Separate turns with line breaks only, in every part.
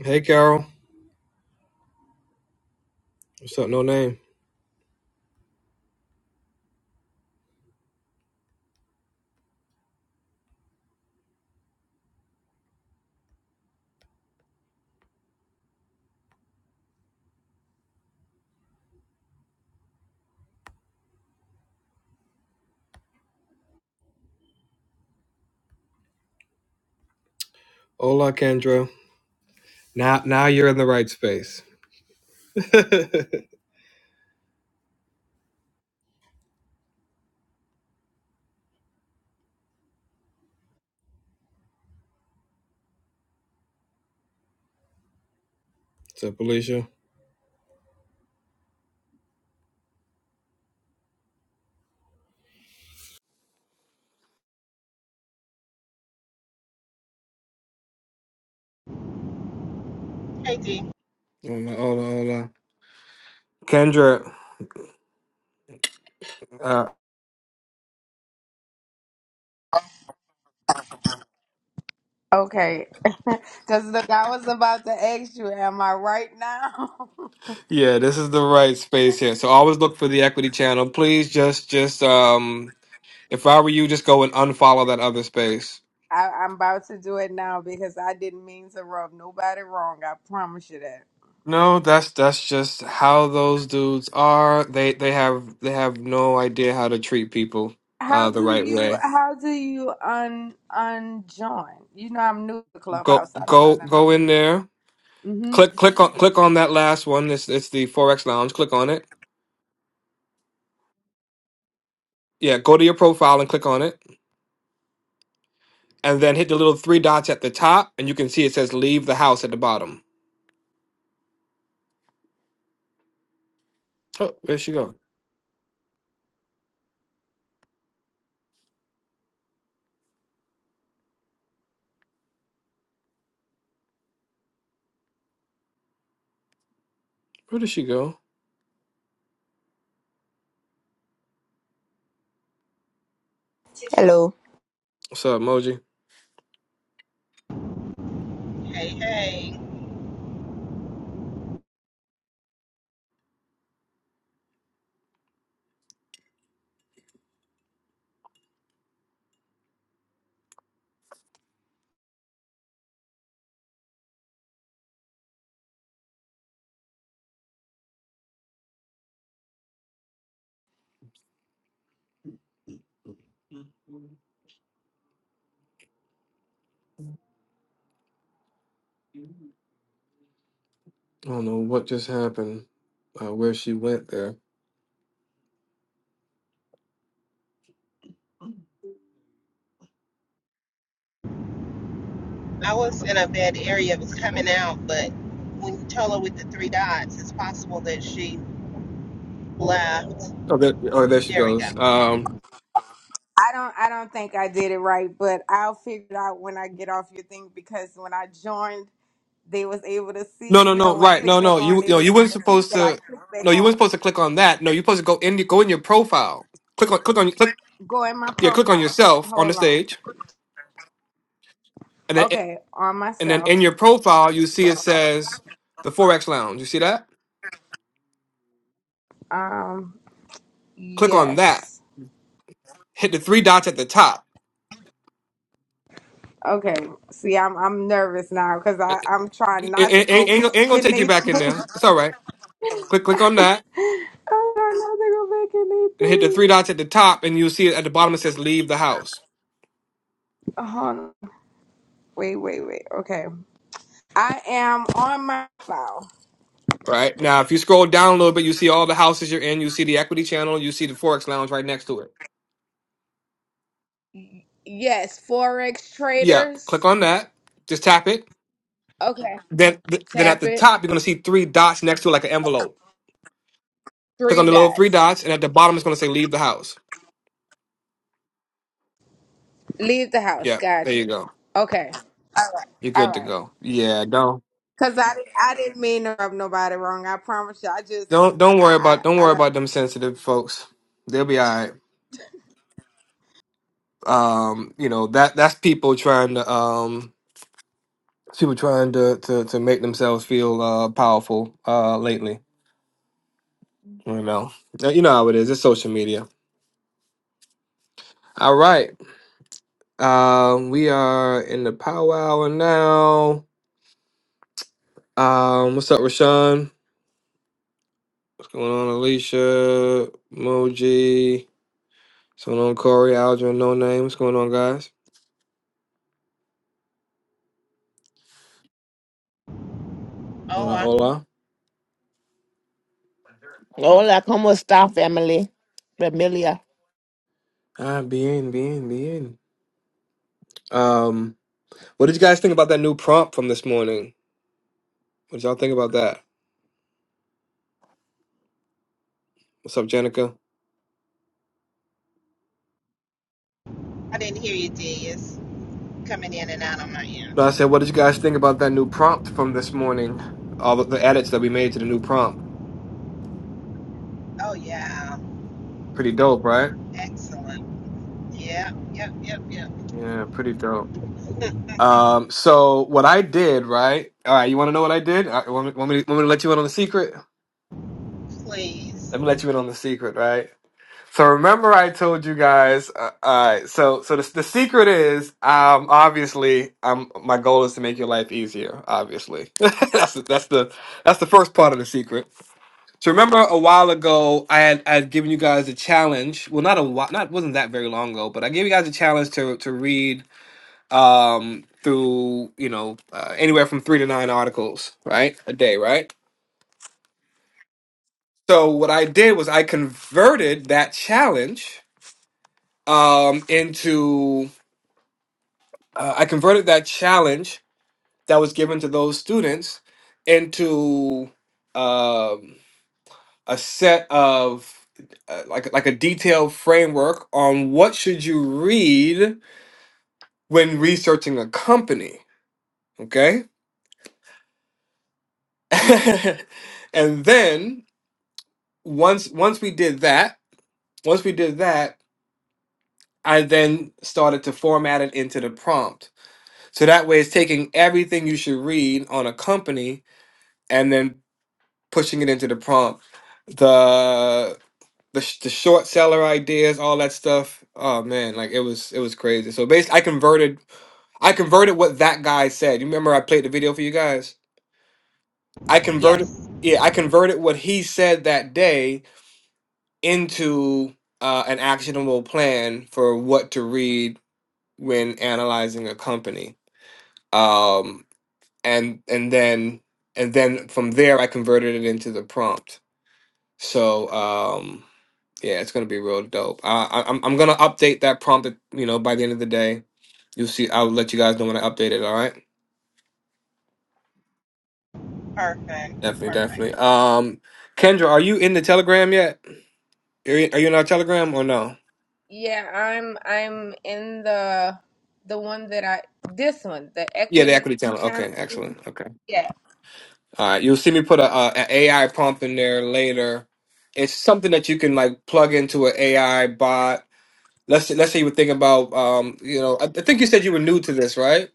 Hey, Carol. What's up? No name. Hola, Kendra. Now, now you're in the right space. What's up, Alicia?
Hey, D.
Hola, hola, hola. Kendra. Uh,
Okay, because look, I was about to ask you, am I right now?
yeah, this is the right space here. So always look for the equity channel. Please just, just, um, if I were you, just go and unfollow that other space.
I, I'm about to do it now because I didn't mean to rub nobody wrong. I promise you that.
No, that's that's just how those dudes are. They they have they have no idea how to treat people
How
uh the
do
right
you
way.
how do you un unjoin? You know I'm new to
Go
Clubhouse. so I don't know
go
nothing.
go in there.
hmm
Click click on click on that last one. It's it's the Forex Lounge. Click on it. Yeah, go to your profile and click on it, and then hit the little three dots at the top, and you can see it says "Leave the house" at the bottom. Oh, where'd she go? Where did she go?
Hello.
What's up, Moji?
Hey, hey.
I don't know what just happened. Uh, where she went there?
I was in a bad area. It was coming out, but when you tell her with the three dots, it's possible that she left.
Oh, there, oh, there she
There we
goes.
go.
Um,
I don't I don't think I did it right, but I'll figure it out when I get off your thing because when I joined, they was able to
no,
see.
no,
You know
no.
when I
Right,
click
no, no.
back on,
You,
they
no,
was
you weren't
able to see
supposed
that I
to.
clicked
No,
back
you
on.
weren't supposed to click on that. No, you're supposed to go in. Go in your profile. Click on, click on, click.
Go in my
Yeah, click on
profile.
yourself on the
Hold on.
stage, and then
Okay, on
And then
myself.
in your profile, you see it says the Forex Lounge. You see that?
Um,
Click on that.
yes.
Hit the three dots at the top.
Okay. See, I'm I'm nervous now because
It,
I
it-
I'm trying not to
it-
go
it ain't, ain't
back
gonna
in
take you
anything.
back in there.
I'm
It's all right. Click click on that
trying not to go back in
and hit the three
anything.
dots at the top, and you'll see it at the bottom. It says leave the house.
Hold on. Wait, wait, wait. Okay. I am on my file.
Right now, if you scroll down a little bit, you see all the houses you're in. You see the equity channel. You see the Forex Lounge right next to it.
Y- Yes, forex
Yep. Click
traders.
on that. Just tap it.
Okay.
Then th- then at
Tap
the
it.
top, you're gonna see three dots next to it, like an envelope. Click on
Three
the little three
dots.
dots, and at the bottom, it's gonna say leave the house.
Leave the house.
Yep. There you
Gotcha.
go.
Okay.
You're
All
good to
right.
go. Yeah, don't
Cause I didn't, I didn't mean to rub nobody wrong. I promise you. I just,
don't don't worry
I,
about don't
I, I
worry
don't.
about them sensitive folks. They'll be all right. Um, you know, that that's people trying to um people trying to to, to make themselves feel uh powerful uh lately. You know. Uh, You know how it is. It's social media. All right. Um we are in the power hour now. Um what's up Rashawn? What's going on Alicia? Moji? What's going on Corey, Aldrin, No Name? What's going on guys?
Oh,
Hola,
I,
hola.
Hola, ¿cómo está, family? Familia.
Ah, bien, bien, bien. Um, what did you guys think about that new prompt from this morning? What did y'all think about that? What's up, Jenica?
I didn't hear you, D. It's coming in and out on my
No,
end.
I said, what did you guys think about that new prompt from this morning? All of the edits that we made to the new prompt.
Oh, yeah.
Pretty dope, right?
Excellent. Yep, yep, yep, yep.
Yeah, pretty dope. Um, so what I did, right? All right, you want to know what I did? I, want, me, want me to want me to let you in on the secret?
Please.
Let me let you in on the secret, right? So remember, I told you guys. Uh, all right. So so the, the secret is, um, obviously, um, my goal is to make your life easier. Obviously, that's the, that's the that's the first part of the secret. So remember, a while ago, I had I had given you guys a challenge. Well, not a while, not wasn't that very long ago, but I gave you guys a challenge to to read um through you know uh, anywhere from three to nine articles, right, a day, right. So what I did was I converted that challenge um into uh, I converted that challenge that was given to those students into um, a set of uh, like like a detailed framework on what should you read when researching a company. Okay, and then once once we did that, once we did that, I then started to format it into the prompt. So that way, it's taking everything you should read on a company and then. pushing it into the prompt. The the sh- the short seller ideas, all that stuff. Oh man, like it was it was crazy. So basically, I converted I converted what that guy said. You remember I played the video for you guys. I converted
Yes.
yeah I converted what he said that day into uh, an actionable plan for what to read when analyzing a company. Um and and then and then from there I converted it into the prompt. So um Yeah, it's gonna be real dope. Uh, I, I'm I'm gonna update that prompt, you know, by the end of the day. You'll see. I'll let you guys know when I update it. All right.
Perfect.
Definitely,
Perfect.
definitely. Um, Kendra, are you in the Telegram yet? Are you, are you in our Telegram or no?
Yeah, I'm, I'm in the, the one that I, this one, the
Yeah, the
equity
equity channel.
channel.
Okay, excellent. Okay.
Yeah,
All right. You'll see me put a, a an AI prompt in there later. It's something that you can like plug into an AI bot. Let's let's say you were thinking about um, you know, I, I think you said you were new to this, right?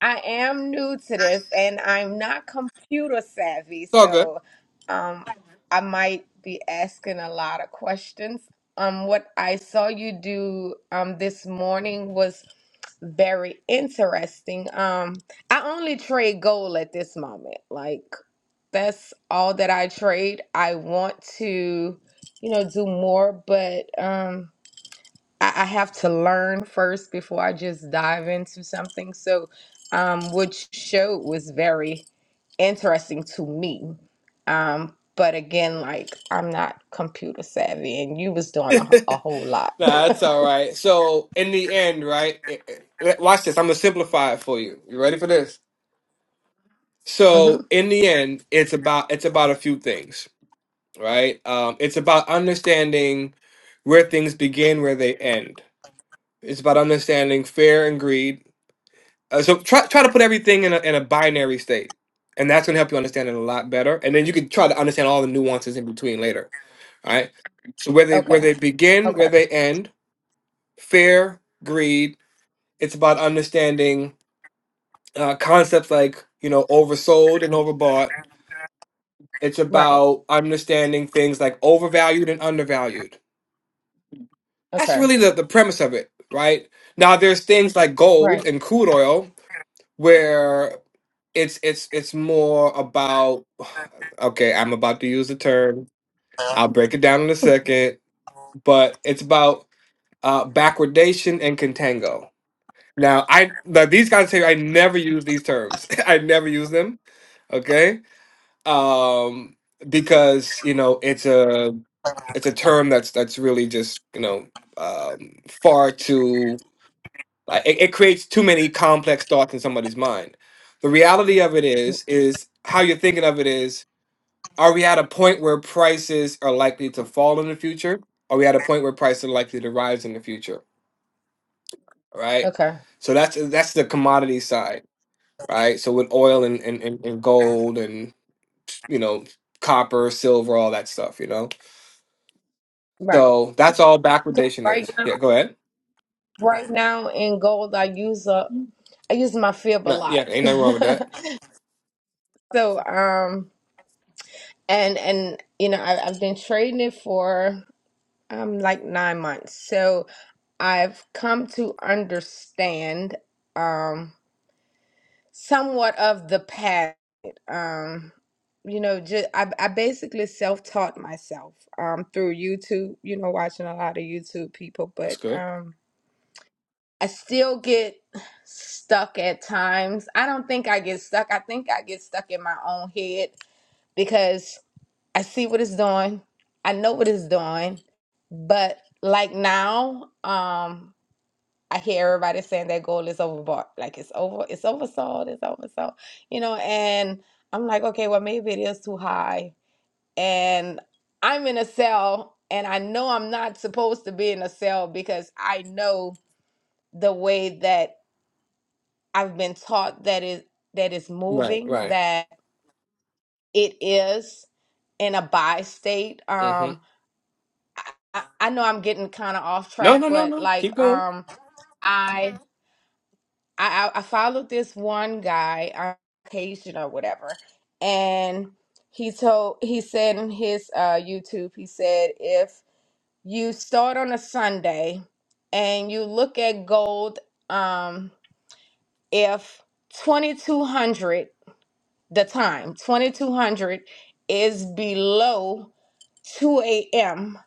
I am new to this, and I'm not computer savvy,
It's all
so,
good.
um, I might be asking a lot of questions. Um, what I saw you do, um, this morning was very interesting. Um, I only trade gold at this moment, like. that's all that I trade. I want to, you know, do more, but um, I, I have to learn first before I just dive into something. So, um, which show was very interesting to me. Um, but again, like I'm not computer savvy, and you was doing a, a whole lot.
Nah, that's all right. So in the end, right? it- it- watch this. I'm gonna simplify it for you. You ready for this?
hmm
So in the end, it's about it's about a few things, right? Um, it's about understanding where things begin, where they end. It's about understanding fear and greed. Uh, so try try to put everything in a in a binary state, and that's gonna help you understand it a lot better. And then you can try to understand all the nuances in between later. All right. So where they where
Okay.
they begin, where
Okay.
they end, fear, greed It's about understanding uh, concepts like, you know, oversold and overbought. It's
Right.
about understanding things like overvalued and undervalued. That's
Okay.
really the, the premise of it, right? Now, there's things like
Right.
gold and crude oil where it's it's it's more about okay i'm about to use the term i'll break it down in a second but it's about uh backwardation and contango Now, I now these guys say I never use these terms. I never use them. Okay, um, because you know it's a it's a term that's that's really just you know um, far too like it, it creates too many complex thoughts in somebody's mind. The reality of it
Mm,
is is how you're thinking of it is are we at a point where prices are likely to fall in the future? Are we at a point where prices are likely to rise in the future? Right.
Okay.
So that's that's the commodity side right? So with oil and, and, and, and gold and you know copper, silver, all that stuff, you know.
Right.
So that's all backwardation is.
Right.
Yeah, go ahead.
Right now in gold, I use up I use my fib a
No,
lot.
yeah, ain't nothing wrong with that.
So um and and you know I, I've been trading it for um like nine months. So I've come to understand um somewhat of the path. Um you know just I, I basically self-taught myself um through YouTube, you know watching a lot of YouTube people,
That's
but
good.
um I still get stuck at times. I don't think I get stuck. I think I get stuck in my own head because I see what it's doing. I know what it's doing. But like now, um, I hear everybody saying that goal is overbought. Like it's over, it's oversold, it's oversold. You know, and I'm like, okay, well maybe it is too high. And I'm in a cell and I know I'm not supposed to be in a cell because I know the way that I've been taught that it that is
Right,
moving,
right.
that it is in a by state.
hmm
Um, I, I know I'm getting kind of off
No,
track,
no, no,
but
no.
like,
Keep going.
um, I I I followed this one guy on occasion or whatever, and he told he said in his uh YouTube he said if you start on a Sunday and you look at gold, um, if 2200 the time 2200 is below 2 a.m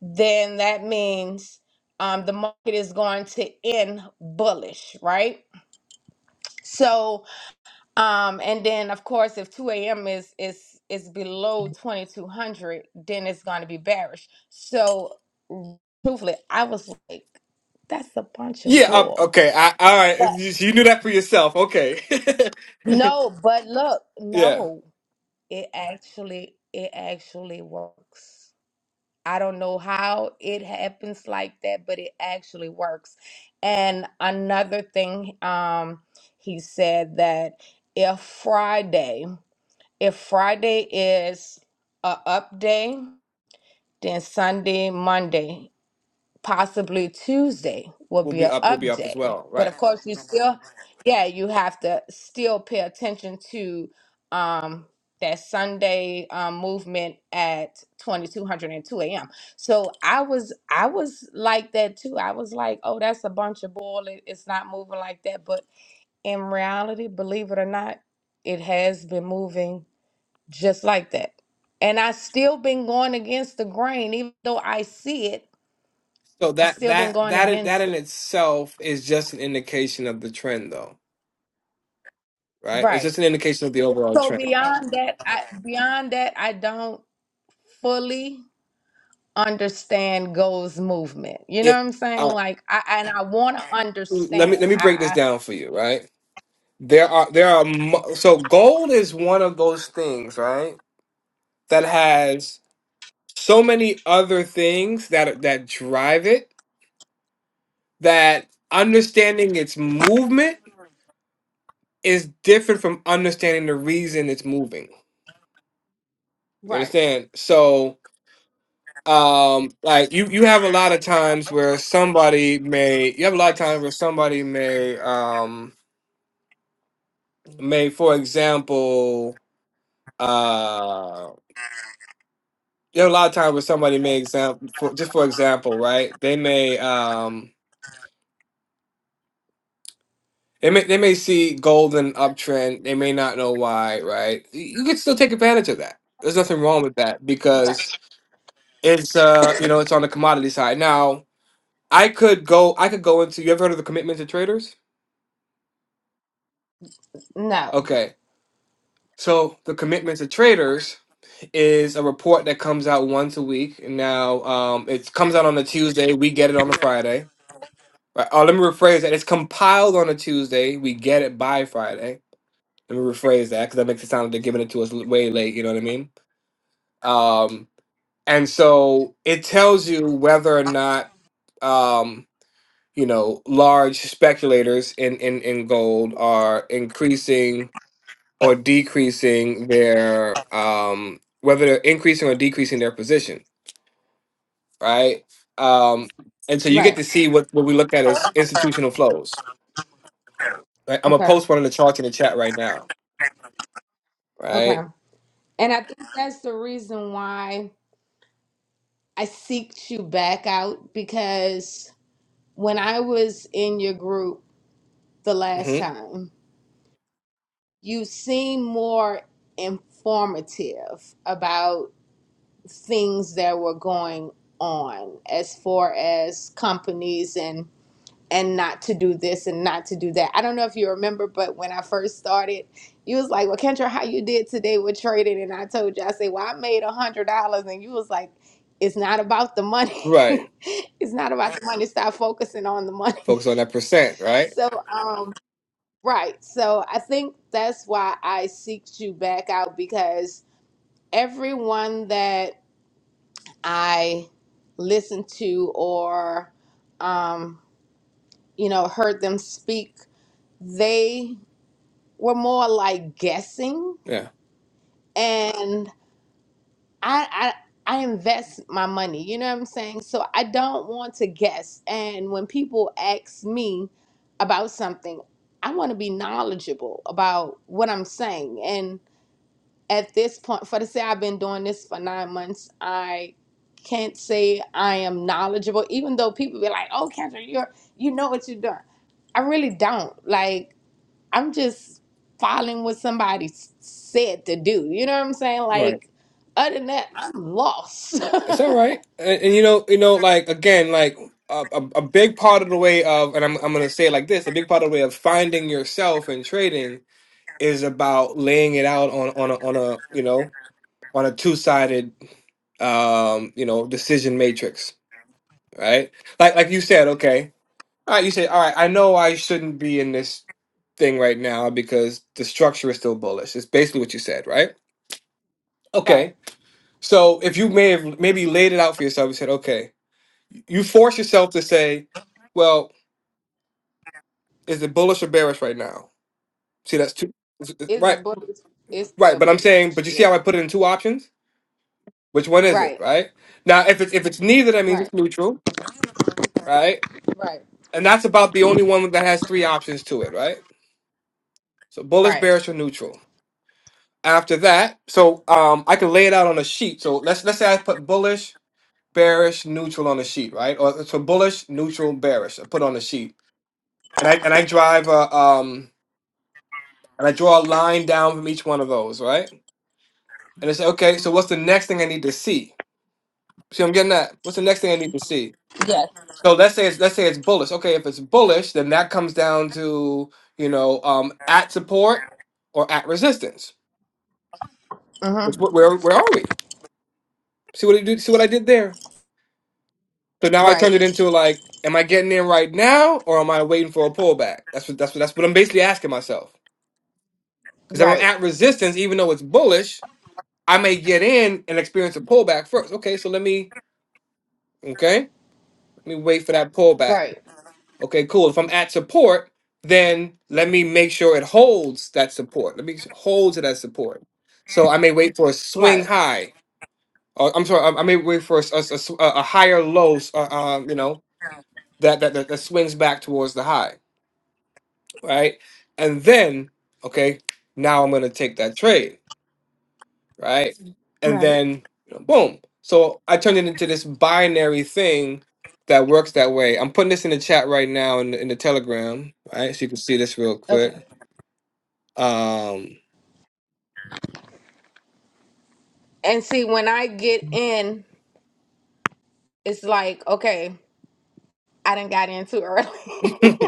then that means um, the market is going to end bullish right so um, and then of course if 2 a.m is is is below 2200 then it's going to be bearish so truthfully i was like that's a bunch of
Yeah. Um,
bull
okay. I, all right.
but
You, you knew that for yourself. Okay.
no but look
yeah.
no it actually it actually works I don't know how it happens like that, but it actually works. And another thing, um, he said that if Friday, if Friday is a up day, then Sunday, Monday possibly Tuesday will
We'll
be
be
an
up. We'll be
up
up as
day.
well.
But
Right.
of course, you still, yeah, you have to still pay attention to um, that Sunday um, movement at 2202 a.m. So I was, I was like that too. I was like, oh, that's a bunch of bull. It, it's not moving like that. But in reality, believe it or not, it has been moving just like that. And I still been going against the grain, even though I see it
So
I
that
still been
that
going
that in- that
against
in
it.
itself is just an indication of the trend, though. Right. It's
Right.
just an indication of the overall
So
trend.
beyond that, I beyond that, I don't fully understand Go's movement. You know what I'm
Yeah.
saying? Like I and I want to
let me
understand.
let me
I,
break this
I
down for you, right? There are there are mu- so gold is one of those things, right? That has so many other things that that drive it that understanding its movement is different from understanding the reason it's moving. You
right.
understand? So um like you you have a lot of times where somebody may you have a lot of times where somebody may um may for example uh, there are a lot of times when somebody may example for just for example, right? They may um they may they may see golden uptrend, they may not know why, right? Y- You can still take advantage of that. There's nothing wrong with that because it's uh you know it's on the commodity side. Now I could go I could go into you ever heard of the commitment to traders?
No.
Okay. So the commitment to traders is a report that comes out once a week. Now um, it comes out on a Tuesday. We get it on a Friday Right. Oh, let me rephrase that. It's compiled on a Tuesday. We get it by Friday. Let me rephrase that because that makes it sound like they're giving it to us l- way late. You know what I mean? Um, and so it tells you whether or not, um, you know, large speculators in, in, in gold are increasing or decreasing their, um, whether they're increasing or decreasing their position, right? Um, and so you get
Right.
to see what, what we look at as institutional flows Right? I'm gonna
Okay.
post one of the charts in the chat right now.
Okay.
Right.
And I think that's the reason why I seeked you back out because when I was in your group the last
hmm
time, you seemed more informative about things that were going on as far as companies and and not to do this and not to do that. I don't know if you remember, but when I first started, you was like, "Well, Kendra, how you did today with trading?" And I told you, I said, "Well, I made a hundred dollars," and you was like, "It's not about the
Right.
money. it's not about the money. Stop focusing on the money."
Focus on that percent. Right.
So, um, right. So I think that's why I seeked you back out because everyone that I listened to or, um, you know, heard them speak, they were more like guessing.
Yeah.
And I, I, I invest my money, you know what I'm saying? So I don't want to guess. And when people ask me about something, I want to be knowledgeable about what I'm saying. at this point, for to say I've been doing this for nine months, I can't say I am knowledgeable, even though people be like, oh, Kendra, you're, you know what you're doing. I really don't. Like, I'm just following what somebody s- said to do. You know what I'm saying?
Right.
Like, other than that, I'm lost.
It's all right. And, and you know, you know, like again, like a, a, a big part of the way of, and I'm I'm gonna say it like this: a big part of the way of finding yourself and trading is about laying it out on on a, on a you know on a two sided um you know decision matrix. Right. Like like you said. Okay All right, you say, all right, I know I shouldn't be in this thing right now because the structure is still bullish. It's basically what you said, right?
right.
Okay. So if you may have maybe laid it out for yourself, you said, okay, you force yourself to say, well, is it bullish or bearish right now? See, that's two.
It's
Right,
bullish. It's
right.
still
But I'm
bullish.
saying, but you see how
Yeah.
I put it in two options? Which one is it,
Right.
right? Now, if it's if it's neither, that means
Right.
it's neutral, right?
Right.
And that's about the only one that has three options to it, right? So bullish,
Right.
bearish, or neutral. After that, so um, I can lay it out on a sheet. So let's let's say I put bullish, bearish, neutral on a sheet, right? Or so bullish, neutral, bearish. I put on a sheet, and I and I drive a um and I draw a line down from each one of those, right? And I say, okay, so what's the next thing I need to see? See, what I'm getting that. What's the next thing I need to see?
Yes.
So let's say it's let's say it's bullish. Okay, if it's bullish, then that comes down to you know um at support or at resistance.
Uh huh.
Which where where are we? See what I do? See what I did there? So now I turned it
Right.
into like, am I getting in right now, or am I waiting for a pullback? That's what that's what that's what I'm basically asking myself. Because if I'm
Right.
at resistance, even though it's bullish, I may get in and experience a pullback first. Okay, so let me okay, let me wait for that pullback.
Right.
Okay, cool. If I'm at support, then let me make sure it holds that support. Let me hold to that support. So I may wait for a swing
Right.
high. Or, I'm sorry, I I may wait for a, s- a s- a s- a higher low, s- uh, uh, you know, that, that that that swings back towards the high. right? And then, okay, now I'm gonna take that trade, right? And
Right.
then, you know, boom. So I turned it into this binary thing that works that way. I'm putting this in the chat right now in the, in the Telegram, right? So you can see this real
Okay.
quick. Um,
And see, when I get in, it's like, okay, I didn't got in too early.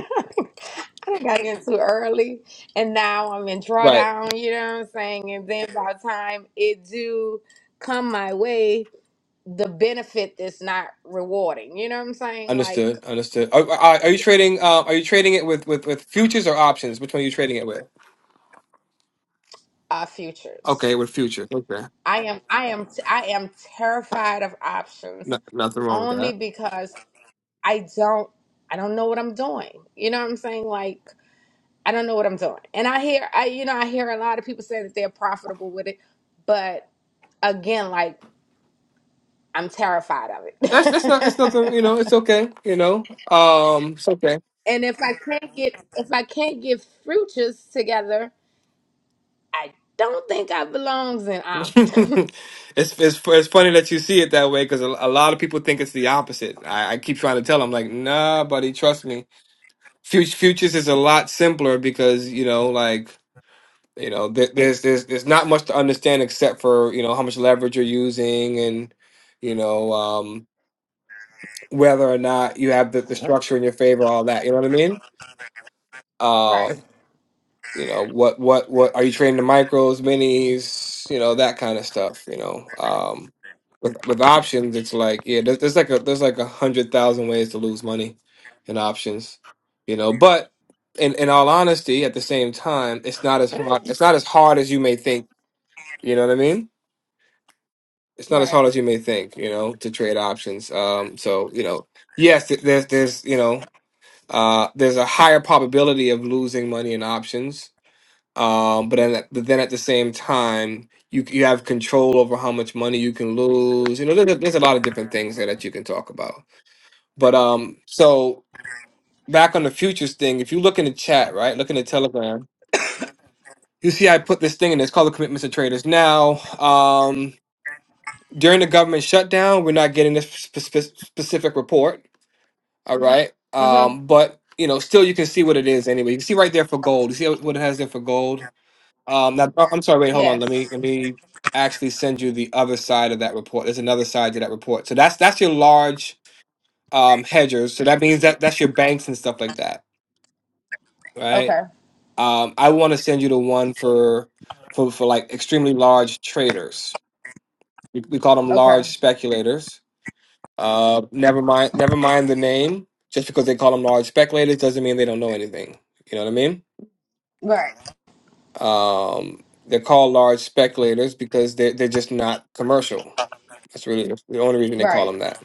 I done got in too early. And now I'm in
right.
drawdown, you know what I'm saying? And then by the time it do come my way, the benefit is not rewarding. You know what I'm saying? Like
Understood. Understood. Are, are, are you trading? Uh, are you trading it with, with with futures or options? Which one are you trading it with?
uh
Okay,
futures.
with futures. Okay,
I am I am I am terrified of
no,
options
nothing wrong with
only
that.
because I don't I don't know what I'm doing. You know what I'm saying? Like I don't know what I'm doing. And I hear I you know I hear a lot of people saying that they're profitable with it, but again, like I'm terrified of
That's that's not that's nothing. You
it.
know, it's okay. You know, um, it's okay.
and if I can't get if I can't get futures together, I don't think I belongs in options.
it's, it's it's funny that you see it that way because a, a lot of people think it's the opposite. I, I keep trying to tell them like, nah, buddy, trust me. Fut- futures is a lot simpler because you know, like you know, there, there's there's there's not much to understand except for you know how much leverage you're using and you know um, whether or not you have the, the structure in your favor, all that. You know what I mean? Uh,
right.
You know, what what what are you trading the micros, minis, you know, that kind of stuff, you know. Um with with options, it's like, yeah, there's, there's like a there's like a hundred thousand ways to lose money in options, you know. But in in all honesty, at the same time, it's not as hard it's not as hard as you may think, you know what I mean? It's not as
Right.
hard as you may think, you know, to trade options. Um, so you know, yes, th- there's there's you know, uh, there's a higher probability of losing money in options, um, but then, but then at the same time, you you have control over how much money you can lose. You know, there's a, there's a lot of different things there that you can talk about. But um, so back on the futures thing, if you look in the chat, right, look in the Telegram, you see I put this thing in. It's called the commitments of traders. Now, um, during the government shutdown, we're not getting this spe- spe- specific report. All right,
Mhm.
um, but you know, still you can see what it is anyway. You can see right there for gold. You see what it has there for gold Um, now, oh, I'm sorry. Wait, hold on.
Yes.
Let me let me actually send you the other side of that report. There's another side to that report. So that's that's your large um, hedgers. So that means that that's your banks and stuff like that, right?
Okay.
Um, I want to send you the one for for for like extremely large traders. We, we call them
Okay.
large speculators. Uh, never mind. Never mind the name. Just because they call them large speculators doesn't mean they don't know anything. You know what I mean?
Right.
Um, they're called large speculators because they they're they're just not commercial That's really the only reason they call
Right.
him that,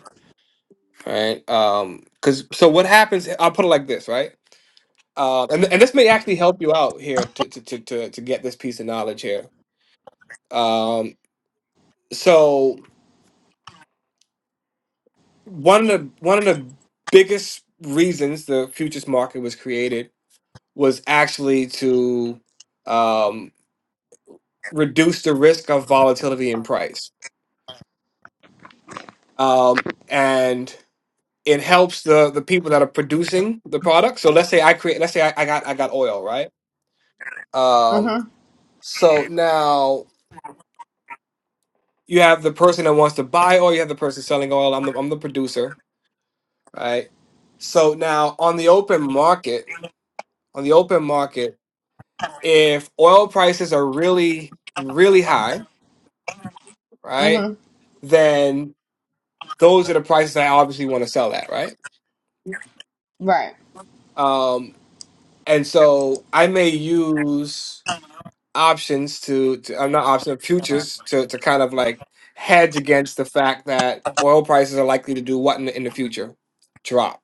right? Um, because so what happens? I'll put it like this, right? Uh, and and this may actually help you out here to to to to, to get this piece of knowledge here. Um, so one of the one of the biggest reasons the futures market was created was actually to um reduce the risk of volatility in price. Um, and it helps the the people that are producing the product. So let's say I create, let's say I, I got I got oil, right? Um,
Mhm.
so now you have the person that wants to buy oil, you have the person selling oil. I'm the I'm the producer, right? So now on the open market, on the open market, if oil prices are really, really high, right,
Mhm.
then those are the prices I obviously want to sell at, right?
Right.
Um, and so I may use options to, to uh, not options futures to to kind of like hedge against the fact that oil prices are likely to do what in the, in the future drop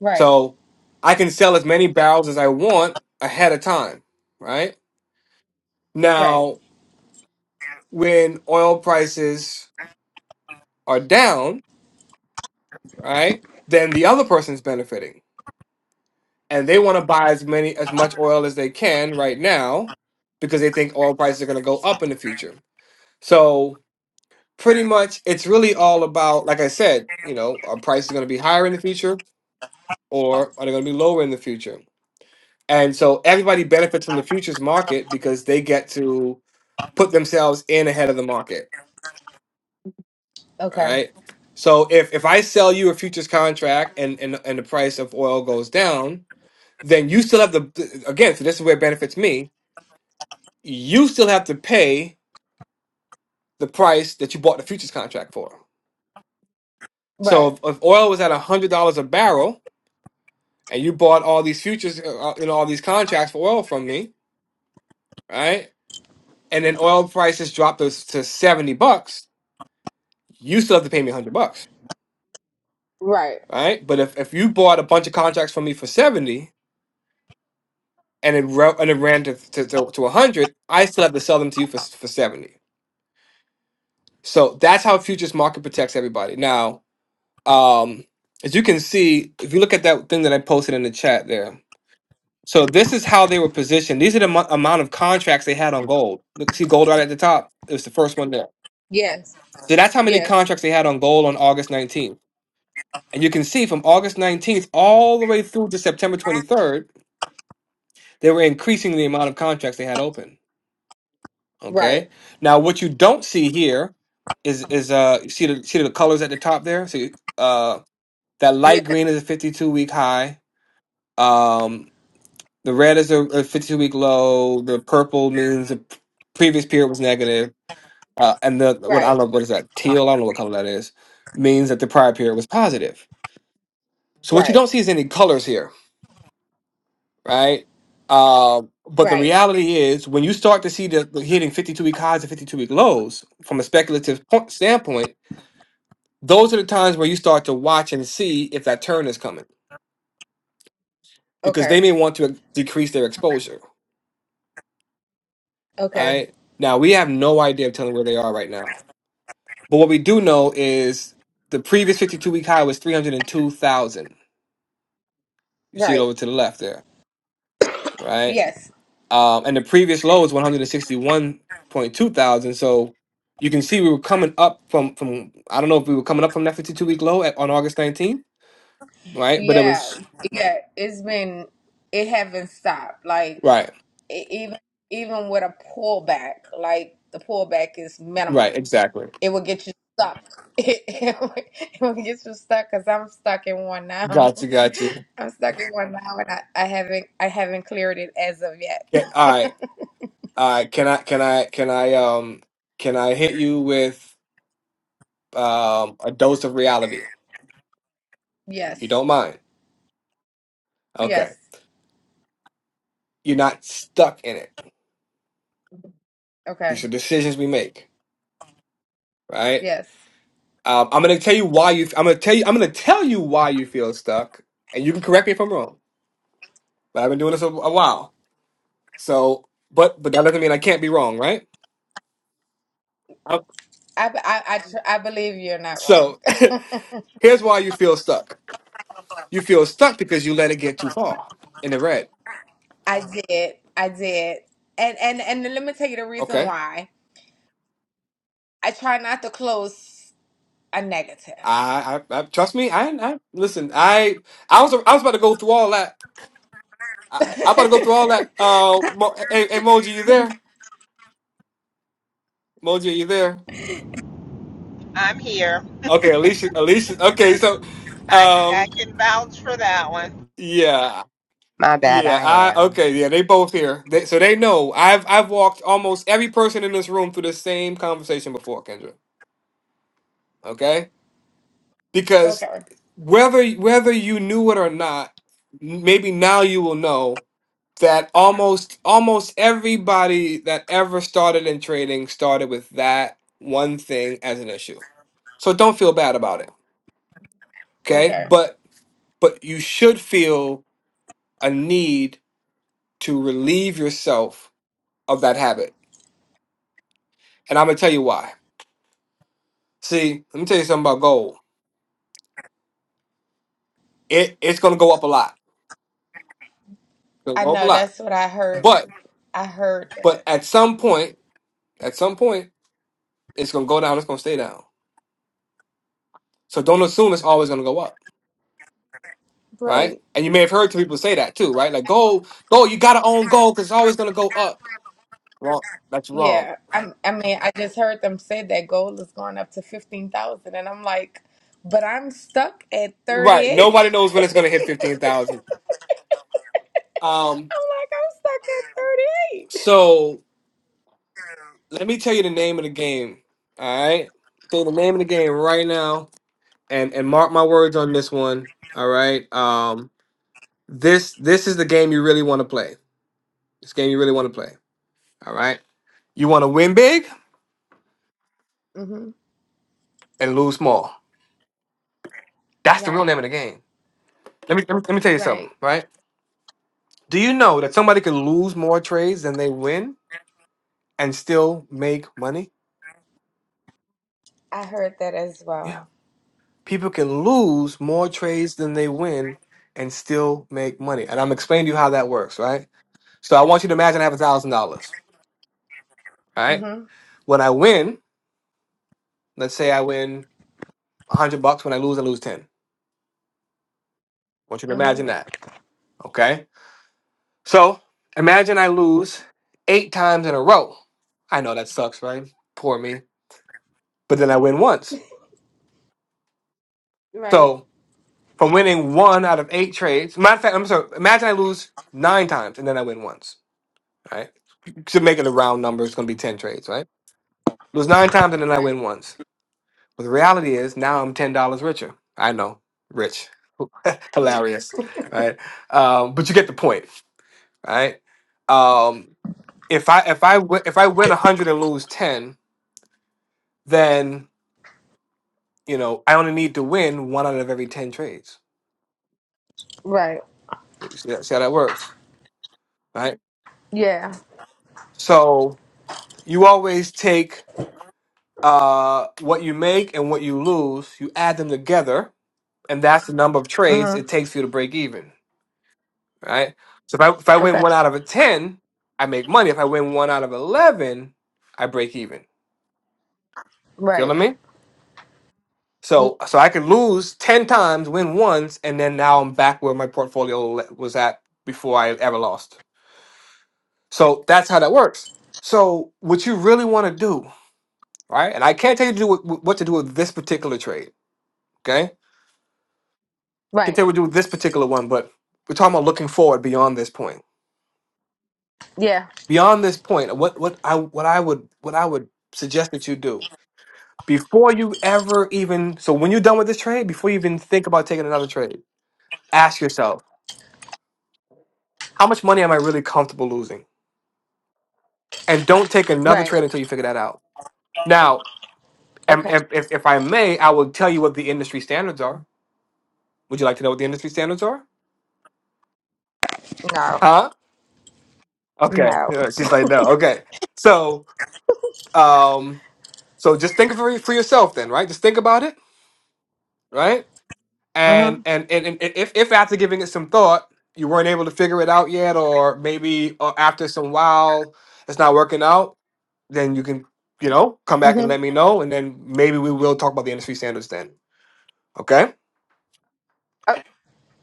Right.
so i can sell as many barrels as i want ahead of time right
Right.
now when oil prices are down right then the other person's benefiting and they want to buy as many as much oil as they can right now because they think oil prices are going to go up in the future so pretty much it's really all about like i said you know are prices going to be higher in the future or are they going to be lower in the future and so everybody benefits from the futures market because they get to put themselves in ahead of the market
Okay.
right so if if i sell you a futures contract and and, and the price of oil goes down then you still have the again so this is where it benefits me you still have to pay the price that you bought the futures contract for so
Right.
if, if oil was at $100 a barrel and you bought all these futures uh, and all these contracts for oil from me, right? And then oil prices dropped to, to 70 bucks, you still have to pay me 100 bucks,
Right.
right? But if, if you bought a bunch of contracts from me for 70 and it, ro- and it ran to, to, to, to 100, I still have to sell them to you for, for 70. So that's how futures market protects everybody. Now, um, as you can see, if you look at that thing that I posted in the chat there, So this is how they were positioned. These are the mo- amount of contracts they had on gold. Look, see gold right at the top. It was the first one there.
Yes.
So that's how many
Yes.
contracts they had on gold on August 19th. And you can see from August 19th all the way through to September 23rd, they were increasing the amount of contracts they had open.
Right.
Okay. Now what you don't see here is is uh you see the see the colors at the top there. See uh that light green is a 52 week high. Um. The red is a, a 52 week low. The purple means the p- previous period was negative. Uh, and the what I don't
Right,
know what is that teal. I don't know what color that is. Means that the prior period was positive. So what you
right,
don't see is any colors here, right? Uh, but the
right.
reality is, when you start to see the, the hitting 52 week highs and 52 week lows from a speculative point, standpoint, those are the times where you start to watch and see if that turn is coming because
Okay,
they may want to decrease their exposure,
okay,
right? Now we have no idea of telling where they are right now But what we do know is the previous 52 week high was 302,000. You see it
right.
over to the left there, right?
Yes,
Um, and the previous low is 161.2 thousand. So you can see we were coming up from from I don't know if we were coming up from that 52 week low at, on August 19th, right? But it
yeah,
was
yeah. It's been it haven't stopped. Like
right,
e- even even with a pullback, like the pullback is
right,
minimum.
exactly.
It will get you stuck. It, it, will it will get you stuck because I'm stuck in one now.
Gotcha, gotcha.
I'm stuck in one now, and I, I haven't I haven't cleared it as of yet.
Okay, all right, all right. Can I can I can I um can I hit you with um a dose of reality? You
Yes,
don't mind? Okay.
yes.
You're not stuck in it.
Okay,
These are decisions we make, right?
yes.
Um, I'm gonna tell you why you. I'm gonna tell you. I'm gonna tell you why you feel stuck, and you can correct me if I'm wrong. But I've been doing this a, a while, so but but that doesn't mean I can't be wrong, right? Um,
I I I, tr- I believe you're not wrong.
so here's why you feel stuck. You feel stuck because you let it get too far in the red.
I did. I did. And and and let me tell you the reason
Okay,
why. I try not to close a negative.
I, I, I trust me. I, I listen. I I was I was about to go through all that. I, I'm about to go through all that. Uh, Mo, hey, hey, Moji, you there? Moji, are you there?
I'm here.
Okay, Alicia, Alicia. Okay, so,
I, I
um,
can vouch for that one.
yeah,
My bad,
yeah.
I
I
am.
okay, yeah. They both here, they, so they know. I've I've walked almost every person in this room through the same conversation before, Kendra. Okay, because
okay.
whether whether you knew it or not, maybe now you will know that almost almost everybody that ever started in trading started with that one thing as an issue. So don't feel bad about it, okay?
Okay.
But but you should feel a need to relieve yourself of that habit. And I'm gonna tell you why. See, let me tell you something about gold. It it's gonna go up a lot. It's gonna
I
go up a
know
lot.
that's what I heard.
But
I heard that.
but at some point, at some point, it's gonna go down, it's gonna stay down. So don't assume it's always gonna go up, right?
Right.
And you may have heard some people say that too, right? Like gold, gold, you gotta own gold because it's always gonna go up. Wrong. That's wrong.
Yeah. i I mean, I just heard them say that gold is going up to 15,000 and I'm like, but I'm stuck at
Right.
38. I'm
Nobody knows when it's gonna hit fifteen thousand. Um,
like, I'm stuck at
so Let me tell you the name of the game. All right. Say the name of the game right now, and and mark my words on this one. All right. Um. This this is the game you really want to play. This game you really want to play. All right. You want to win big
38. Mhm.
and lose small. That's the real
Right.
name of the game. Let me let me, let me tell you something.
Right.
Right. Do you know that somebody can lose more trades than they win and still make money?
I heard that as
Yeah.
well.
People can lose more trades than they win and still make money. And I'm explaining to you how that works, right? So I want you to imagine I have a thousand dollars. All right.
Mhm.
When I win, let's say I win a hundred bucks. When I lose, I lose ten. I want you to imagine
Mhm.
that. Okay. So imagine I lose eight times in a row. I know that sucks, right? Poor me. But then I win once.
Right.
So from winning one out of eight trades, matter of fact, I'm sorry. Imagine I lose nine times and then I win once. right? To make it a round number, it's going to be ten trades, right? Lose nine times and then I
Right.
win once. But the reality is now I'm ten dollars richer. I know, rich. hilarious, right? Um, but you get the point, right? Um, if I if I wi- if I win hundred and lose ten, then you know I only need to win one out of every ten trades.
Right.
You See, see how that works, right?
Yeah.
So you always take uh, what you make and what you lose, you add them together, and that's the number of trades it
Mhm.
takes for you to break even, right? So if I if I win
Okay.
one out of a ten, I make money. If I win one out of eleven, I break even.
Right.
Feeling me?
Y-
So so I could lose 10 times, win once, and then now I'm back where my portfolio le- was at before I ever lost. So that's how that works. So what you really want to do, right? And I can't tell you to do what, what to do with this particular trade, okay? Can't
Right.
tell you what to do with this particular one, but we're talking about looking forward beyond this point.
Yeah.
Beyond this point, what what I what I would what I would suggest that you do before you ever even so when you're done with this trade, before you even think about taking another trade, ask yourself How much money am I really comfortable losing? And don't take another
Right.
trade until you figure that out. Now, am-
Okay.
if, if, if I may, I will tell you what the industry standards are. Would you like to know what the industry standards are?
No.
Huh? Okay.
No.
Yeah, She's like, no. Okay. So, um, so just think for, for yourself then, right? Just think about it, right? And
Mhm.
and and, and if, if after giving it some thought, you weren't able to figure it out yet, or maybe uh, after some while it's not working out, then you can, you know, come back and
Mhm.
let me know, and then maybe we will talk about the industry standards then. Okay?
O-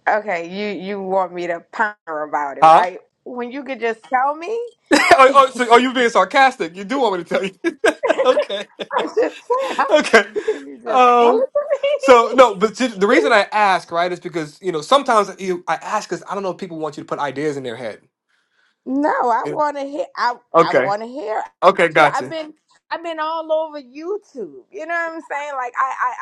Okay. You you want me to ponder about it,
Huh?
right? When you could just tell me.
oh, oh, so, oh, you're being sarcastic. You do want me to tell you? okay.
I'm just saying.
okay.
Can you just tell
Um.
it
So
to
no, but see, the
me?
reason I ask, right, is because you know sometimes you I ask because I don't know if people want you to put ideas in their head.
No, I
You
want to hear. I
know?
I
Okay.
want to hear.
Okay.
I've
Gotcha.
been I've been all over YouTube. You know what I'm saying? Like I I,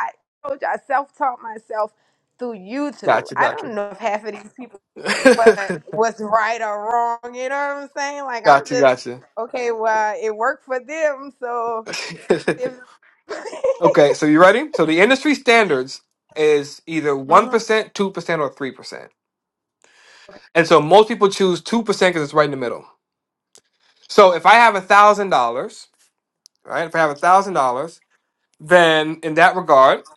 I told you, I self taught myself through YouTube.
Gotcha.
I
Gotcha.
don't know if half of these people what what's right or wrong. You know what I'm saying? Like I'm just
gotcha.
okay. Well, it worked for them, so
Gotcha.
if.
Okay, so you ready? So the industry standards is either 1%,
Mhm.
2%, or 3%. And so most people choose 2% because it's right in the middle. So if I have $1,000, right? If I have $1,000, then in that regard,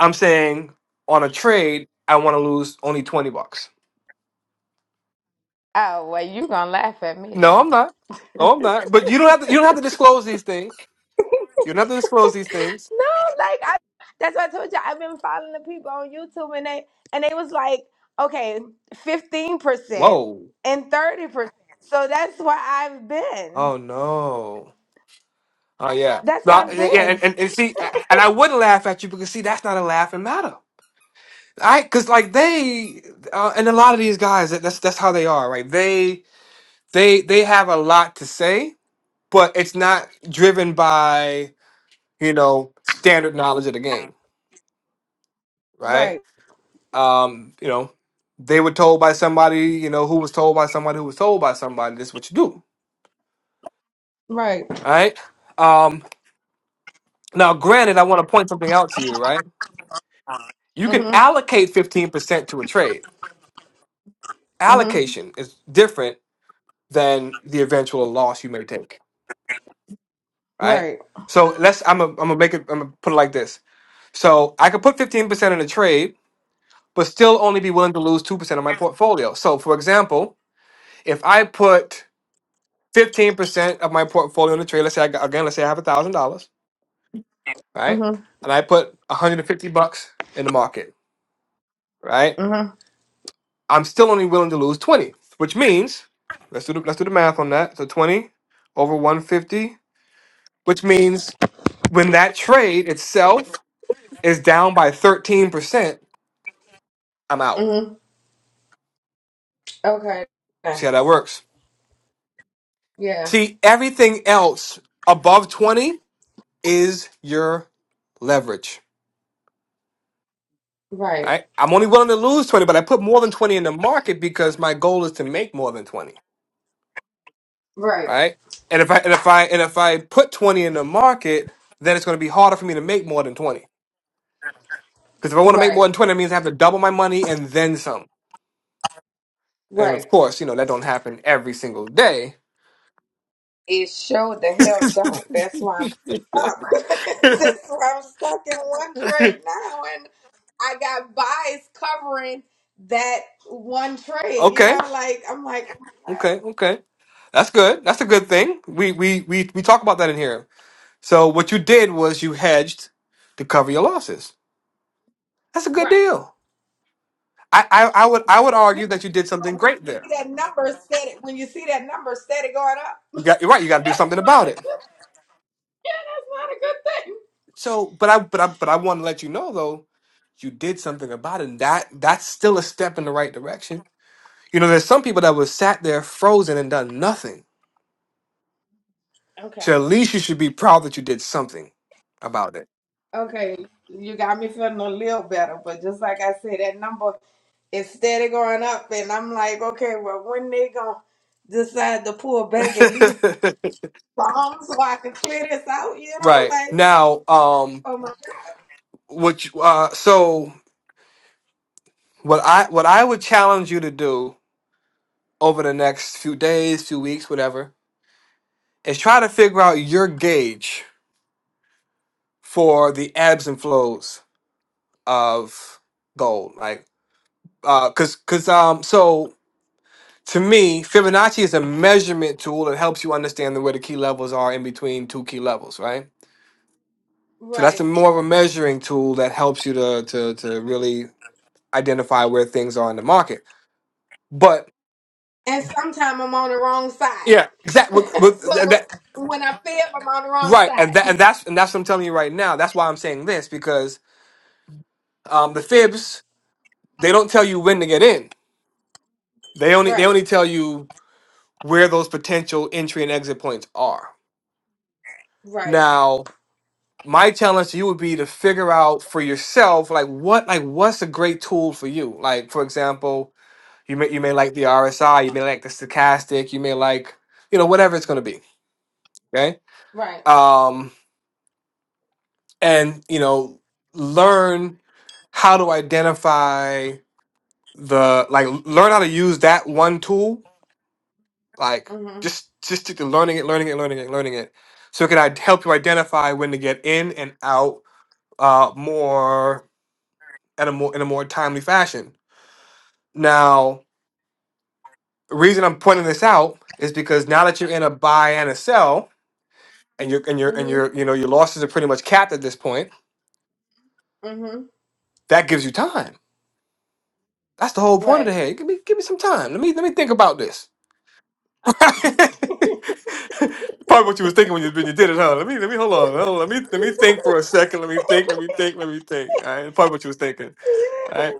I'm saying on a trade, I want to lose only 20 bucks.
Oh well, you gonna laugh at me
No, I'm not. No, I'm not. But you don't have to you don't have to disclose these things. You don't have to disclose these things.
No, like I that's what I told you. I've been following the people on YouTube and they and they was like, okay, fifteen percent
Whoa.
and thirty percent. So that's where I've been.
Oh no. Oh yeah,
That's where
But-
I've
yeah, yeah, and,
been.
and, and see, and I would laugh at you because see, that's not a laughing matter, right? Because like they, uh, and a lot of these guys, that- that's that's how they are, right? They they they have a lot to say, but it's not driven by you know standard knowledge of the game, right?
Right.
Um, you know, they were told by somebody, you know, who was told by somebody who was told by somebody, this is what you do,
Right.
right? Um, now, granted, I want to point something out to you, right? You can
Mm-hmm.
allocate fifteen percent to a trade
Mm-hmm.
allocation is different than the eventual loss you may take, right?
Right.
So let's I'm gonna I'm gonna make it I'm gonna put it like this. So I could put 15% in a trade, but still only be willing to lose 2% of my portfolio. So for example, if I put 15% of my portfolio in a trade, let's say I got, again, let's say I have $1,000, right?
Mm-hmm.
And I put 150 bucks in the market, right?
Mm-hmm.
I'm still only willing to lose 20, which means let's do the, let's do the math on that. So 20 over 150 which means when that trade itself is down by 13%, I'm out.
Mm-hmm. Okay.
See how that
Thanks.
works.
Yeah.
See, everything else above 20 is your leverage. All
Right.
Right? I'm only willing to lose 20, but I put more than 20 in the market because my goal is to make more than 20,
Right.
right? And if I and if I and if I put 20 in the market, then it's going to be harder for me to make more than 20. Because if I want to make more
Right.
than 20, it means I have to double my money and then some. And of
Right.
course, you know, that don't happen every single day
It showed the hell don't. That's why I'm stuck. That's why I'm stuck in one trade now, and I got buys covering that one trade. You know,
okay,
like I'm like, oh my God.
okay, okay. That's good. That's a good thing. We we we we talk about that in here. So what you did was you hedged to cover your losses. That's a good
Right.
deal. I I, I would I would
you
argue that you did something great
see
there.
that number steady? when you see that number steady going up.
You got you're right. You got to do something about it.
yeah, that's
So, but I but I but I want to let you know though, you did something about it. And that that's still a step in the right direction. You know, there's some people that was sat there frozen and done nothing
not a good thing.
So
Okay.
at least you should be proud that you did something about
Okay, you got me feeling a little better, but just like I said, that number is steady going up, and I'm like, okay, well, when they gonna decide to pull back at least?
it.
phone so I can clear this out, you know,
right.
like,
Now, um
oh my God.
what you, uh so what I what I would challenge you to do over the next few days, few weeks, whatever, is try to figure out your gauge for the ebbs and flows of gold. Like uh cuz cuz um so to me, Fibonacci is a measurement tool that helps you understand where the key levels are in between two key levels, right? So that's a
Right.
more of a measuring tool that helps you to to to really identify where things are in the market. But
And sometimes I'm on the wrong side.
yeah, exactly.
so
That,
when I feel like I'm on the wrong
right, and that
side.
and that's and that's what I'm telling you right now. That's why I'm saying this because um, the fibs they don't tell you when to get in. They only they
Right.
only tell you where those potential entry and exit points are.
Right.
Now, my challenge to you would be to figure out for yourself like what like what's a great tool for you. Like for example, You may you may like the RSI, you may like the stochastic, you may like you know whatever it's going to be. Okay,
Right.
um, and you know learn how to identify the like learn how to use that one tool. Like
Mhm.
just just stick to learning it, learning it, learning it, learning it. So it can i- help you identify when to get in and out uh, more at a more in a more timely fashion. Now, the reason I'm pointing this out is because now that you're in a buy and a sell and your and your and
Mhm.
your you know your losses are pretty much capped at this point.
Mhm.
That gives you time. That's the whole point of the
Right.
hey. Give me give me some time. Let me let me think about this. Probably what you was thinking when you when you did it, huh? Let me let me hold on. Hold on. Let me let me think for a second. Let me think. Let me think. Let me think. All right. Probably what you was thinking. All
Yeah,
right.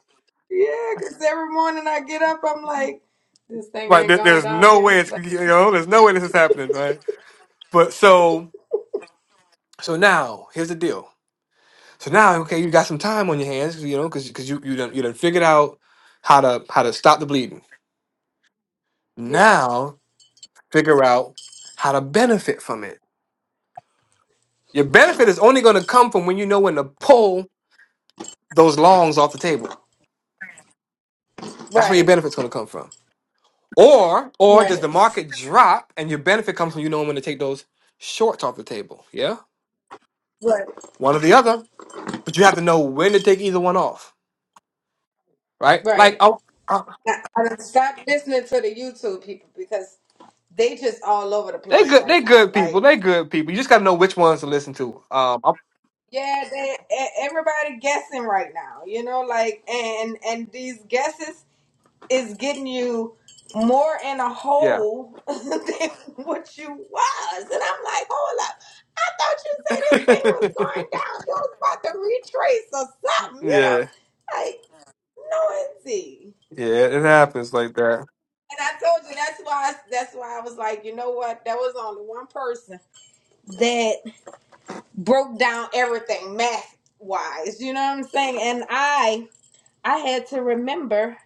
yeah, because every morning I get up, I'm like, this thing
Right.
ain't
There,
gone
there's
down
no way
yet.
it's
Like,
you know. There's no way this is happening. Right. But so so now here's the deal. So now okay, you got some time on your hands. You know, because because you you done you done figured out how to how to stop the bleeding
Yeah.
Now figure out how to benefit from it. Your benefit is only going to come from when you know when to pull those longs off the table. That's where your
Right.
benefit's going to come from. Or or does
Right.
the market drop and your benefit comes from you knowing when to take those shorts off the table? Yeah,
right.
one or the other. But you have to know when to take either one off, right? Like
Right.
oh, uh,
I, I done stopped listening to the YouTube people because they just all over the
they
place
good,
right
they
now.
good people,
Like.
they good people. You just got to know which ones to listen to. Um, I'm-
Yeah, they e- everybody guessing right now. You know, like and and these guesses is getting you more in a
yeah,
hole than what you was. And I'm like, hold up. I thought you said this thing was going down. It was about to retrace or something, you know?
yeah,
Like, no indeed.
yeah. It happens like that.
And I told you that's why I, that's why I was like, you know what? There was only one person that broke down everything math wise. You know what I'm saying? And I I had to remember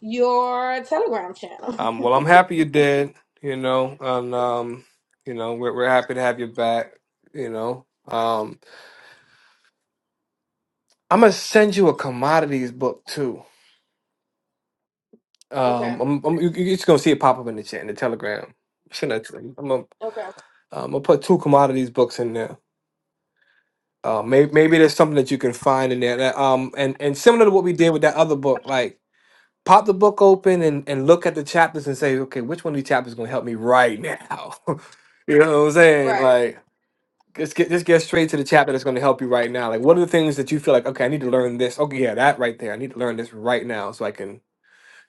your Telegram channel.
Um, well, I'm happy you did, you know, and um, you know, we're we're happy to have you back, you know. Um, I'm gonna send you a commodities book too.
okay.
Um, I'm, I'm you, you're just gonna see it pop up in the chat in the Telegram. Send that. To them. I'm gonna um,
Okay.
I'm gonna put two commodities books in there. Uh, maybe maybe there's something that you can find in there. That, um, and and similar to what we did with that other book, like pop the book open and and look at the chapters and say, okay, which one of these chapters is gonna help me right now? you know what I'm saying?
Right.
Like. Let's get just get straight to the chapter that's going to help you right now. Like, what are the things that you feel like? Okay, I need to learn this. Okay, yeah, that right there. I need to learn this right now so I can,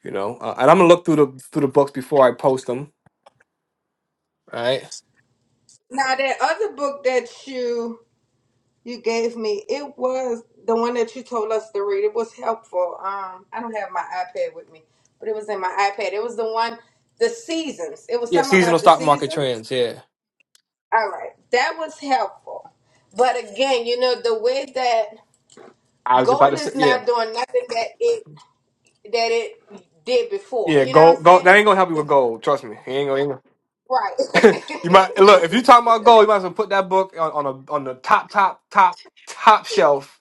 you know. Uh, and I'm gonna look through the through the books before I post them. All right.
Now that other book that you you gave me, it was the one that you told us to read. It was helpful. Um, I don't have my iPad with me, but it was in my iPad. It was the one, the seasons. It was
Yeah,
something
seasonal
about the
stock market
seasons.
trends. Yeah,
All right, that was helpful. But again, you know the way that
I was
goal
about to say.
is
Yeah,
not doing nothing that it that it did before.
yeah.
You know what
Gold,
I'm
gold.
saying?
That ain't gonna help you with gold. Trust me. It ain't gonna. ain't gonna-
Right.
You might look if you talking about gold. You might as well put that book on, on a on the top top top top shelf.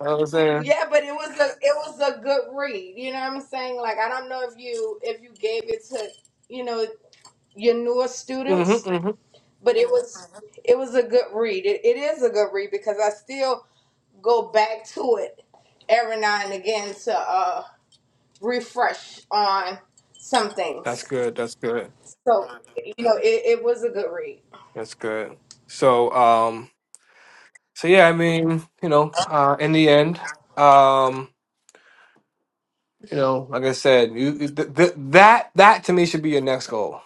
You know what I'm saying.
yeah, but it was a it was a good read. You know what I'm saying? Like I don't know if you if you gave it to you know your newer
Mm-hmm,
students,
mm-hmm.
but it was Mhm. it was a good read. It, it is a good read because I still go back to it every now and again to uh refresh on some
That's
things.
good. That's good.
So you know it, it was a good read.
That's good. So, um. So yeah, I mean, you know, uh, in the end, um, you know, like I said, you th- th- that that to me should be your next goal.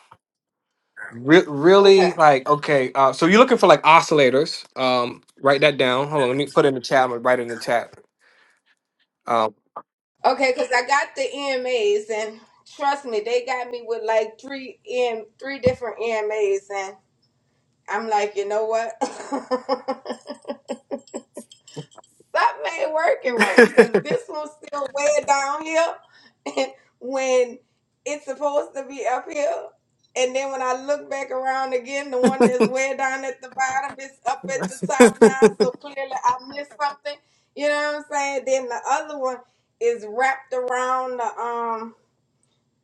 Re- really,
Okay.
like, okay, uh, so you're looking for like oscillators. Um, write that down. Hold on, let me put it in the chat. I'm gonna write it in the chat. Um,
Okay, because I got the EMAs, and trust me, they got me with like three EM, three different EMAs, and I'm like, you know what? Something ain't working right, because this one's still way down here when it's supposed to be up here. And then when I look back around again, the one that's way down at the bottom is up at the top now, so clearly I missed something. You know what I'm saying? Then the other one is wrapped around the um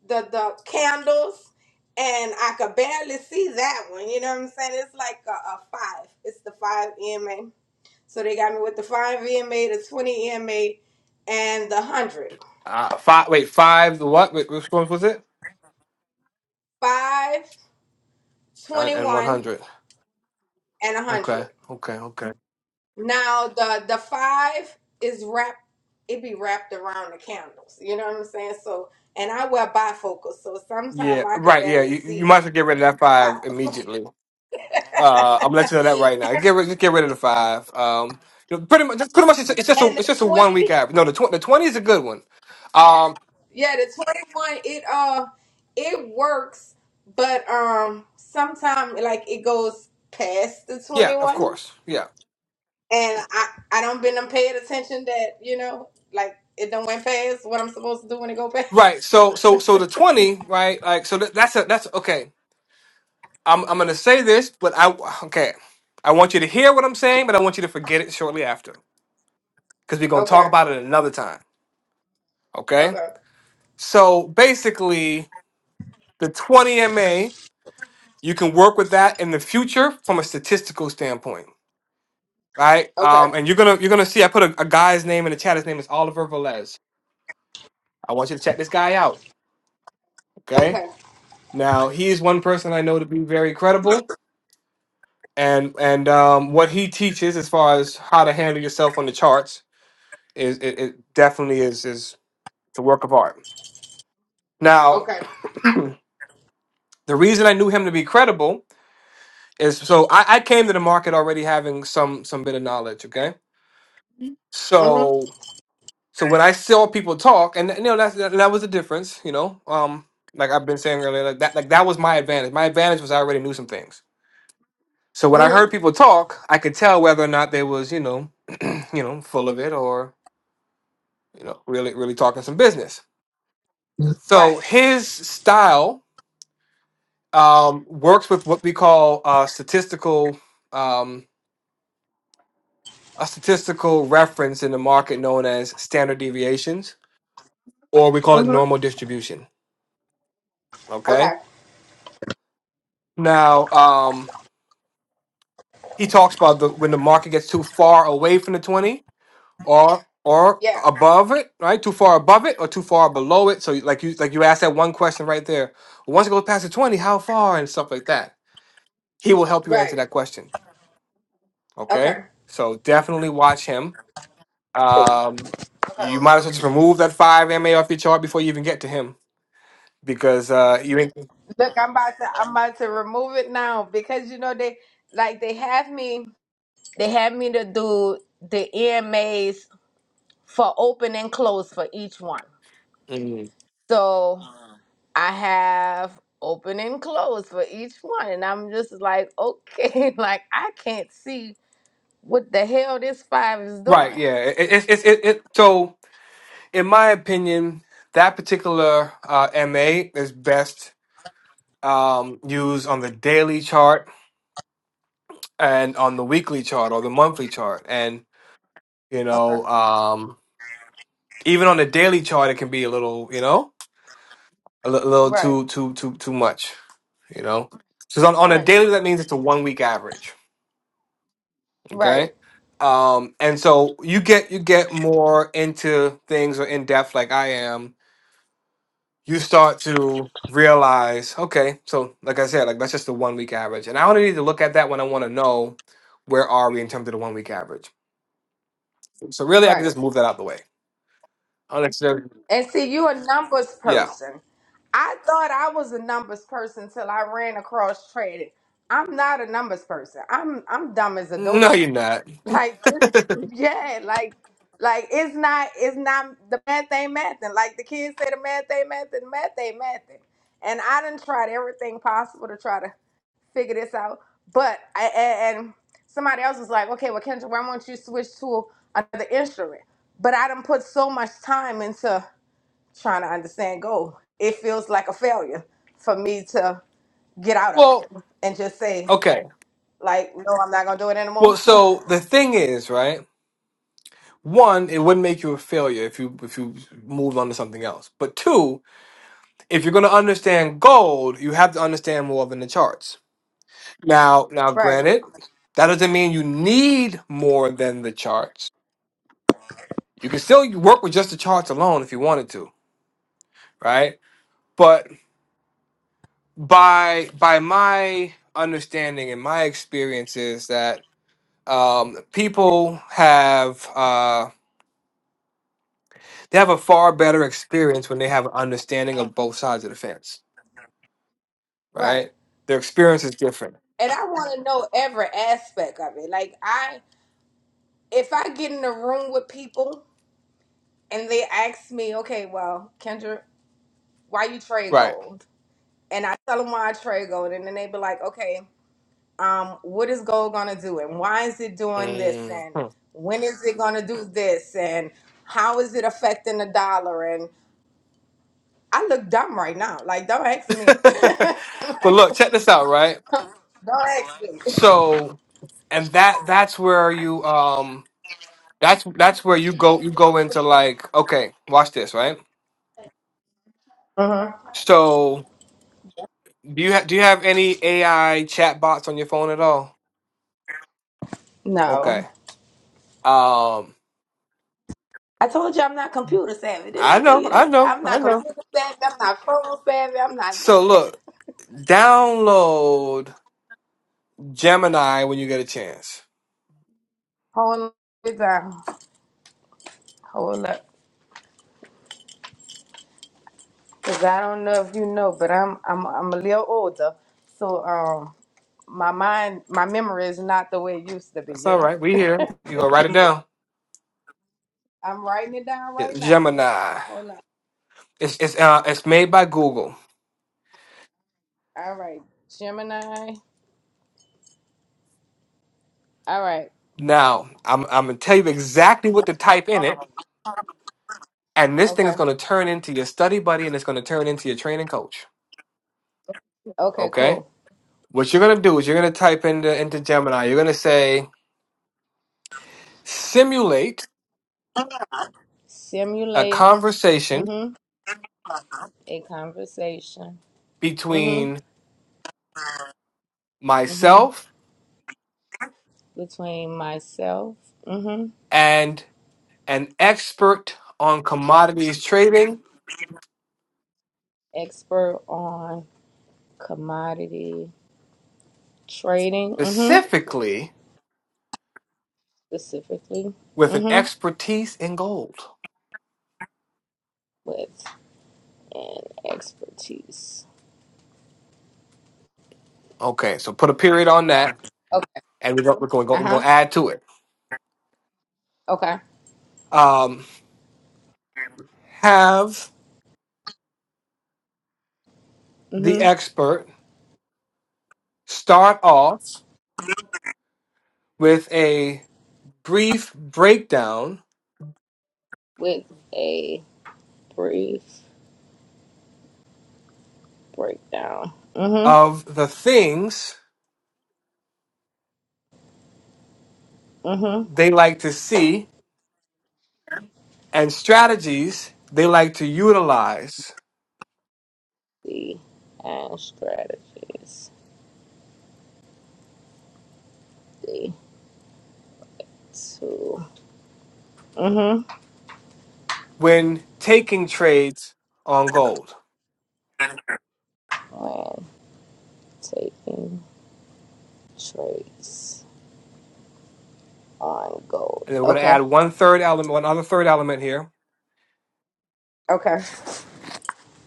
the the candles and I could barely see that one. You know what I'm saying? It's like a, a five. It's the five EMA. So they got me with the five EMA, the 20 EMA, and the hundred.
uh, five. Wait, five. The what? Wait, which one was it? Uh,
21,
and one hundred.
and a
Okay.
hundred.
Okay. Okay.
Now the the five is wrapped. It be wrapped around the candles. You know what I'm saying? So and I wear bifocals, so
Yeah.
sometimes I could
Right. Yeah.
barely
You, you
see
might as well get rid of that
the
five
five.
immediately. Uh, I'm gonna let you know that right now. Get rid, just get rid of the five. Um, you know, pretty much, just- pretty much, it's, it's just a,
and
it's just
the
a one
20
week average. No, the tw- the twenty is a good one. Um,
Yeah, the 21, it uh it works, but um sometimes like it goes past the
yeah, of
21.
course, yeah,
And I I don't been done paying attention that, you know, like it done went past what I'm supposed to do when it go past.
right. So, so, so the twenty, right? Like, so that, that's a, that's okay. I'm, I'm gonna say this, but I, okay, I want you to hear what I'm saying, but I want you to forget it shortly after because we're gonna talk
Okay.
about it another time. Okay.
Okay.
So basically, the twenty MA, you can work with that in the future from a statistical standpoint right?
Okay.
Um, and you're gonna you're gonna see I put a, a guy's name in the chat. His name is Oliver Velez. I want you to check this guy out. Okay.
Okay.
Now he is one person I know to be very credible, and and um, what he teaches as far as how to handle yourself on the charts is it, it definitely is is it's a work of art. Now
Okay.
the reason I knew him to be credible is so I, I came to the market already having some some bit of knowledge. Okay.
Mm-hmm.
So So when I saw people talk, and you know that's, that that was the difference. You know, um, like I've been saying earlier, like that like that was my advantage. My advantage was I already knew some things. So when I
Mm-hmm.
heard people talk, I could tell whether or not they was you know, you know, full of it or you know really really talking some business. So
Right.
his style um, works with what we call uh, statistical um, a statistical reference in the market known as standard deviations, or we call it
Mm-hmm.
normal distribution.
Okay.
Okay. Now, um, He talks about the when the market gets too far away from the 20 or or
Yeah.
above it, right? Too far above it or too far below it. So you- like you like you asked that one question right there. Once it goes past the 20, how far and stuff like that. He will help you answer
Right.
that question.
Okay.
Okay? So definitely watch him. Um
Okay.
you might as well just remove that five MA off your chart before you even get to him because uh you ain't
Look, I'm about to I'm about to remove it now because you know they like they have me They had me to do the EMAs for open and close for each one.
Mm.
So I have open and close for each one. And I'm just like, okay, like I can't see what the hell this five is
right,
doing.
yeah. It, it, it, it, it so in my opinion, that particular uh, MA is best um, use on the daily chart and on the weekly chart or the monthly chart. And, you
Okay.
know, um, even on the daily chart, it can be a little, you know, a li- little
Right,
too, too, too, too much, you know? Because on, on a
right,
daily, that means it's a one week average.
right,
Okay. Um, and so you get, you get more into things or in depth like I am you start to realize, okay, so like I said, like that's just the one week average. And I only need to look at that when I want to know where are we in terms of the one week average. So really I can
right.
just move that out the way. Unnecessary.
And see, you a numbers
Yeah.
person. I thought I was a numbers person till I ran across trading. I'm not a numbers person. I'm I'm dumb as a
No,
doorbell.
you're not.
Like this- yeah, like like it's not it's not the math ain't mathing. Like the kids say the math ain't mathing, the math ain't mathing. And I done tried everything possible to try to figure this out. But I and, and somebody else was like, okay, well Kendra, why won't you switch to another instrument? But I done put so much time into trying to understand go. It feels like a failure for me to get out of
Well,
it and just say,
okay.
like, no, I'm not gonna do it anymore.
Well, so the thing is, right? One, it wouldn't make you a failure if you if you moved on to something else. But two, if you're going to understand gold, you have to understand more than the charts. Now, now,
right,
granted, that doesn't mean you need more than the charts. You can still work with just the charts alone if you wanted to, right? But by by my understanding and my experience is that um, people have uh, they have a far better experience when they have an understanding of both sides of the fence,
right.
right? Their experience is different,
and I want to know every aspect of it. Like I, if I get in a room with people and they ask me, okay, well, Kendra, why you trade
right?
gold? And I tell them why I trade gold, and then they be like, okay, um, what is gold gonna do, and why is it doing this,
Mhm.
and when is it gonna do this, and how is it affecting the dollar? And I look dumb right now. Like, don't ask me.
but
like,
look, check this out, right?
don't ask me.
So, and that that's where you um that's that's where you go you go into like okay, watch this, right?
Uh-huh.
So, do you ha- do you have any AI chatbots on your phone at all?
No.
Okay. Um
I told you I'm not computer savvy. Didn't
I
I tell
know,
you
I
that?
know,
I'm
I
not
know.
computer savvy. I'm not phone savvy. I'm not
So
none of that.
look, download Gemini when you get a chance.
Hold it down. Hold up. Cause I don't know if you know, but I'm I'm I'm a little older, so um my mind my memory is not the way it used to be.
That's
You
all
know.
right. We here. You gonna write it down.
I'm writing it down
Yeah,
right now.
Gemini.
Hold up.
It's it's uh it's made by Google.
All right, Gemini. All right.
Now, I'm I'm gonna tell you exactly what to type in it. And this thing is
Okay.
going to turn into your study buddy and it's going to turn into your training coach.
Okay.
Okay?
Cool.
What you're going to do is you're going to type into, into Gemini, you're going to say, simulate a
Simulate. mm
conversation
Mhm. A conversation. mm Mhm.
between
mm Mhm.
myself
Between myself. Mm-hmm.
and an expert on commodities trading,
expert on commodity trading, hmm
specifically
specifically,
with an
hmm
expertise in gold.
with an expertise.
Okay, so put a period on that
Okay.
and we're going, we're going, to
Uh
we're going
huh.
to add to it.
Okay.
Um, have the
hmm
expert start off with a brief breakdown
With a brief breakdown. Mm-hmm.
of the things
Mm-hmm.
they like to see and strategies they like to utilize
The and strategies. The two. Mm-hmm.
when taking trades on gold.
When taking trades on gold.
And then we're going to
Okay.
add one third element, one other third element here.
Okay.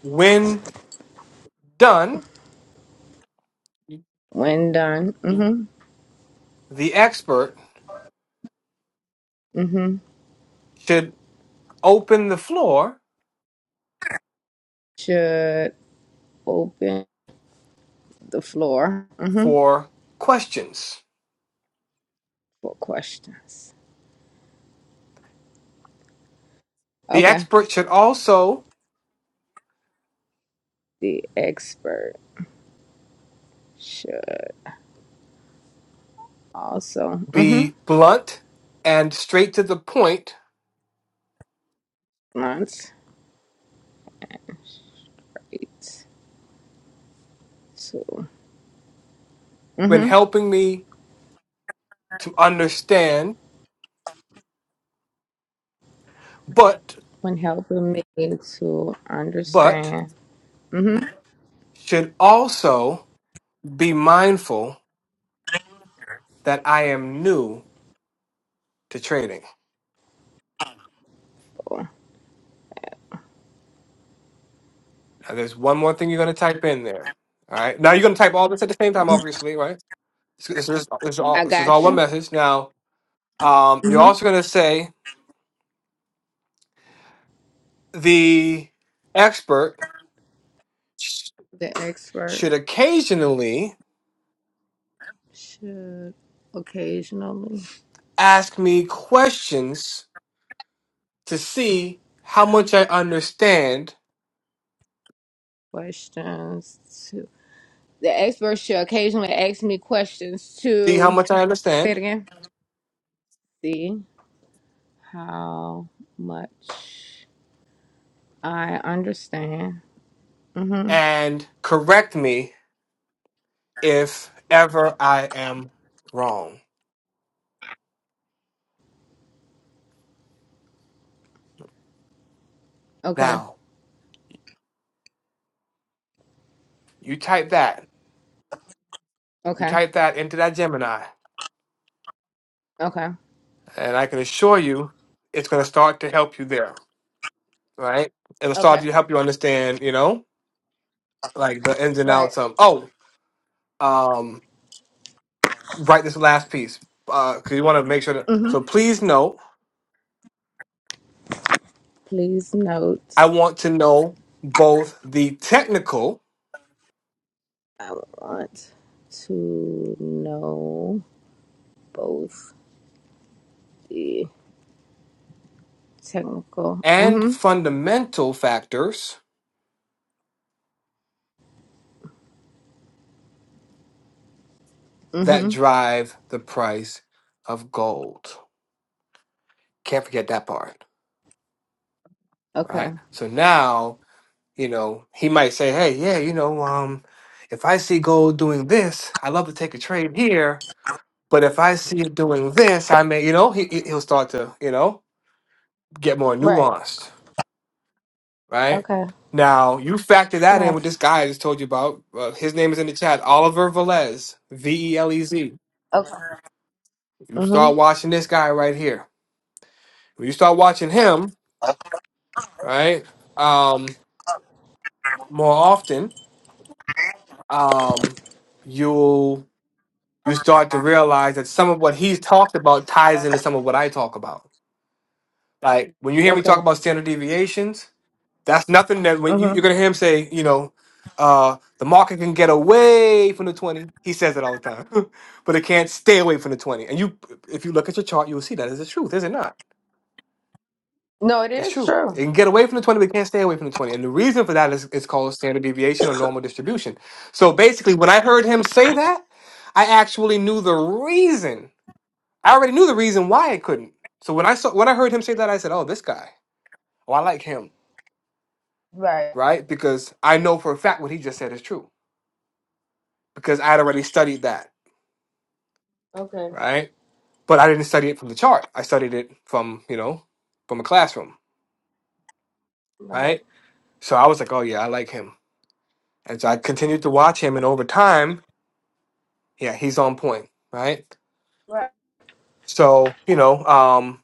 When done,
When done. Mm-hmm.
the expert
Mm-hmm.
should open the floor
Should open the floor mhm,
for questions.
for questions.
The
Okay.
expert should also
The expert should also mhm,
be blunt and straight to the point
once it to
when
mhm,
helping me to understand, but
when helping me to
but
understand. mhm,
should also be mindful that I am new to trading. Now, there's one more thing you're going to type in there. All right. Now you're going to type all this at the same time, obviously, right? This, this is, this is all
I
this is all
got
one
you.
message. Now, um, you're
hmm
also going to say the expert sh-
The expert
should occasionally
should occasionally
ask me questions to see how much I understand.
questions to the expert should occasionally ask me questions
See how
to
much I
say
understand
it again. See how much I understand. Mm-hmm.
and correct me if ever I am wrong.
Okay.
Now, you type that, you
Okay.
type that into that Gemini,
Okay.
and I can assure you it's going to start to help you there, right? It'll start
Okay.
to help you understand, you know, like the ins and
Right.
outs of, oh, um, write this last piece because you want to make sure that.
Mm-hmm.
So please note,
Please note,
I want to know both the technical
I want to know both the technical.
and
Mm-hmm.
fundamental factors that
Mm-hmm.
drive the price of gold. Can't forget that part, right?
Okay.
So now, you know, he might say, "Hey, yeah, you know, um, if I see gold doing this, I love to take a trade here, but if I see it doing this, I may, you know, he he- he'll start to, you know, get more
Right.
nuanced, right?
Okay.
Now you factor that in
Right.
with this guy I just told you about. Uh, his name is in the chat, Oliver Velez, V E L E Z.
Okay.
You
Mm-hmm.
start watching this guy right here. When you start watching him, right? Um, more often, um, you you start to realize that some of what he's talked about ties into some of what I talk about. Like when you hear me talk
Okay.
about standard deviations, that's nothing that when you, you're
Mm-hmm.
gonna hear him say, you know, uh, the market can get away from the twenty. He says it all the time, but it can't stay away from the twenty. And you, if you look at your chart, you will see that is the truth, is it not?
No, it
It's
is
true.
true.
It can get away from the 20, but it can't stay away from the 20. And the reason for that is it's called standard deviation or normal distribution. So basically, when I heard him say that, I actually knew the reason. I already knew the reason why it couldn't. So when I saw when I heard him say that, I said, Oh, this guy. Oh, I like him.
Right.
Right? Because I know for a fact what he just said is true. Because I had already studied that,
Okay.
right? But I didn't study it from the chart. I studied it from, you know, from a classroom,
Right.
right? So I was like, Oh yeah, I like him. And so I continued to watch him and over time Yeah, he's on point, right?
Right.
So, you know, um,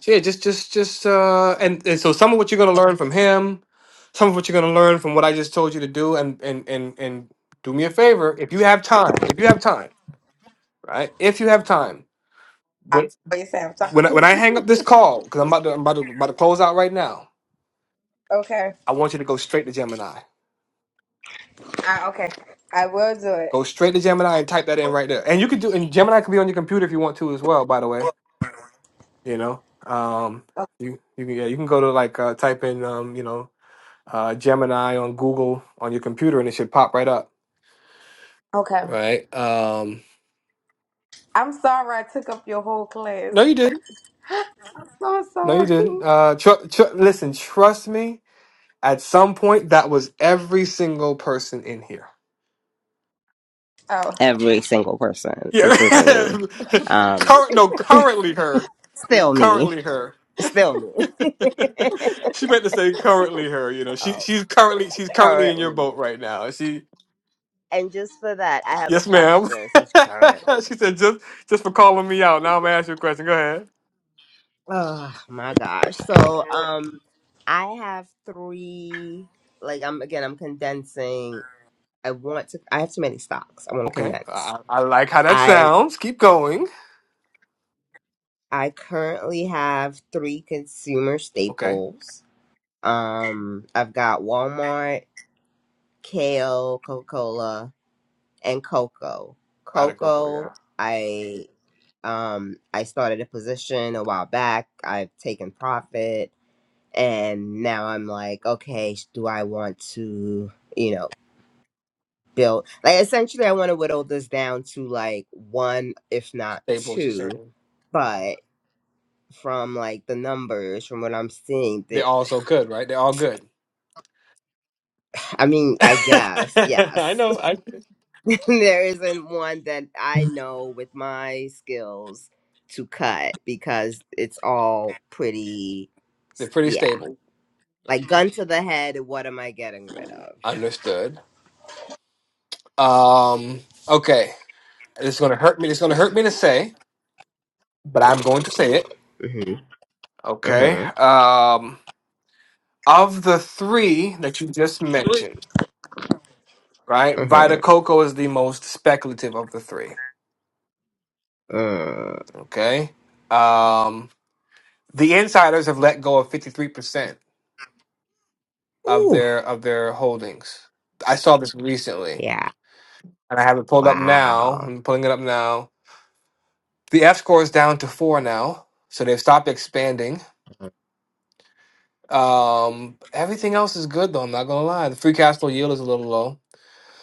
so yeah, just just just uh and, and so some of what you're gonna learn from him, some of what you're gonna learn from what I just told you to do and and and and do me a favor, if you have time, if you have time, right? If you have time,
I
when
always have
when I,
time.
when I hang up this call, because I'm about to I'm about to about to close out right now,
okay.
I want you to go straight to Gemini.
I, okay. I will do
Go
it.
straight to Gemini and type that in right there. And you could do and Gemini can be on your computer if you want to as well, by the way you know um you you can yeah, you can go to like uh type in um you know uh gemini on google on your computer and it should pop right up
Okay.
right um
I'm sorry I took up your whole class.
no you didn't
So
no you
sorry.
didn't uh tr- tr- listen trust me at some point that was every single person in here
Oh.
Every single person,
yeah
including me. Um,
current no currently her yeah
still me.
currently her
Still me.
she meant to say currently her you know she
um,
she's currently she's currently in your
currently
boat
me.
right now she
And just for that, I have a
Yes, ma'am.
question since currently.
she said, just just for calling me out. Now I'm gonna ask you a question. Go ahead.
Oh my gosh. So, um, I have three, like, I'm again, I'm condensing. I want to, I have too many stocks. I want to
Okay.
condense.
I, I like how that
I,
sounds. Keep going.
I currently have three consumer
Okay.
staples. Um, I've got Walmart. kale, Coca Cola, and cocoa.
Vita Coco, yeah.
Cocoa, I um I started a position a while back. I've taken profit, and now I'm like, okay, sh- do I want to, you know, build like essentially I want to whittle this down to like one, if not
Staples, you
two,
certain.
but from like the numbers, from what I'm seeing,
They're
the,
all so good, right? They're all good.
I mean, I guess
I
yes,
know. I
there isn't one that I know with my skills to cut because it's all pretty,
they're pretty
yeah,
stable.
like gun to the head. What am I getting rid of?
Understood. Um, okay. It's gonna hurt me. It's gonna hurt me to say, but I'm going to say it.
Mm-hmm. Uh
Okay.
huh.
Um, of the three that you just mentioned. right? Vita
Uh
Coco is the most speculative of the three.
huh. Uh.
Okay. Um, the insiders have let go of 53% of
Ooh.
their of their holdings. I saw this recently
Yeah.
and I have it pulled up now.
Wow.
I'm pulling it up now. The F score is down to four now. So they've stopped expanding. Um, everything else is good though, I'm not gonna lie. The free cash flow yield is a little low.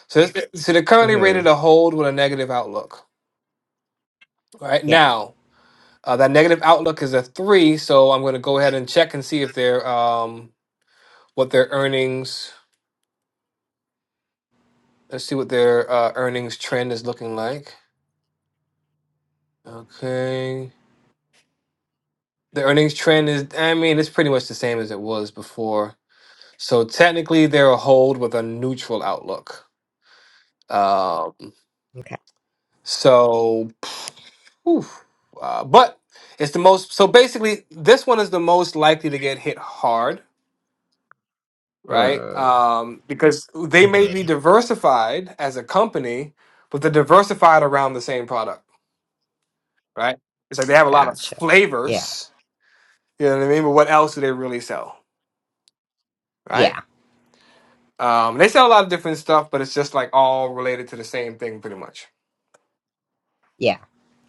So, this, so they're currently rated
Mm-hmm.
a hold with a negative outlook. All Right
Yeah.
now, Uh, that negative outlook is a three, so I'm going to go ahead and check and see if their um what their earnings. Let's see what their uh, earnings trend is looking like. Okay, the earnings trend is. I mean, it's pretty much the same as it was before. So technically, they're a hold with a neutral outlook. Um,
Okay.
so, oof, uh, but it's the most. So basically, this one is the most likely to get hit hard right?
Uh.
Um, because they may
hmm
be diversified as a company, but they're diversified around the same product, right? It's like they have a lot of
Gotcha. Yeah.
flavors, you know what I mean? But what else do they really sell, right?
Yeah.
Um, they sell a lot of different stuff, but it's just like all related to the same thing, pretty much.
Yeah.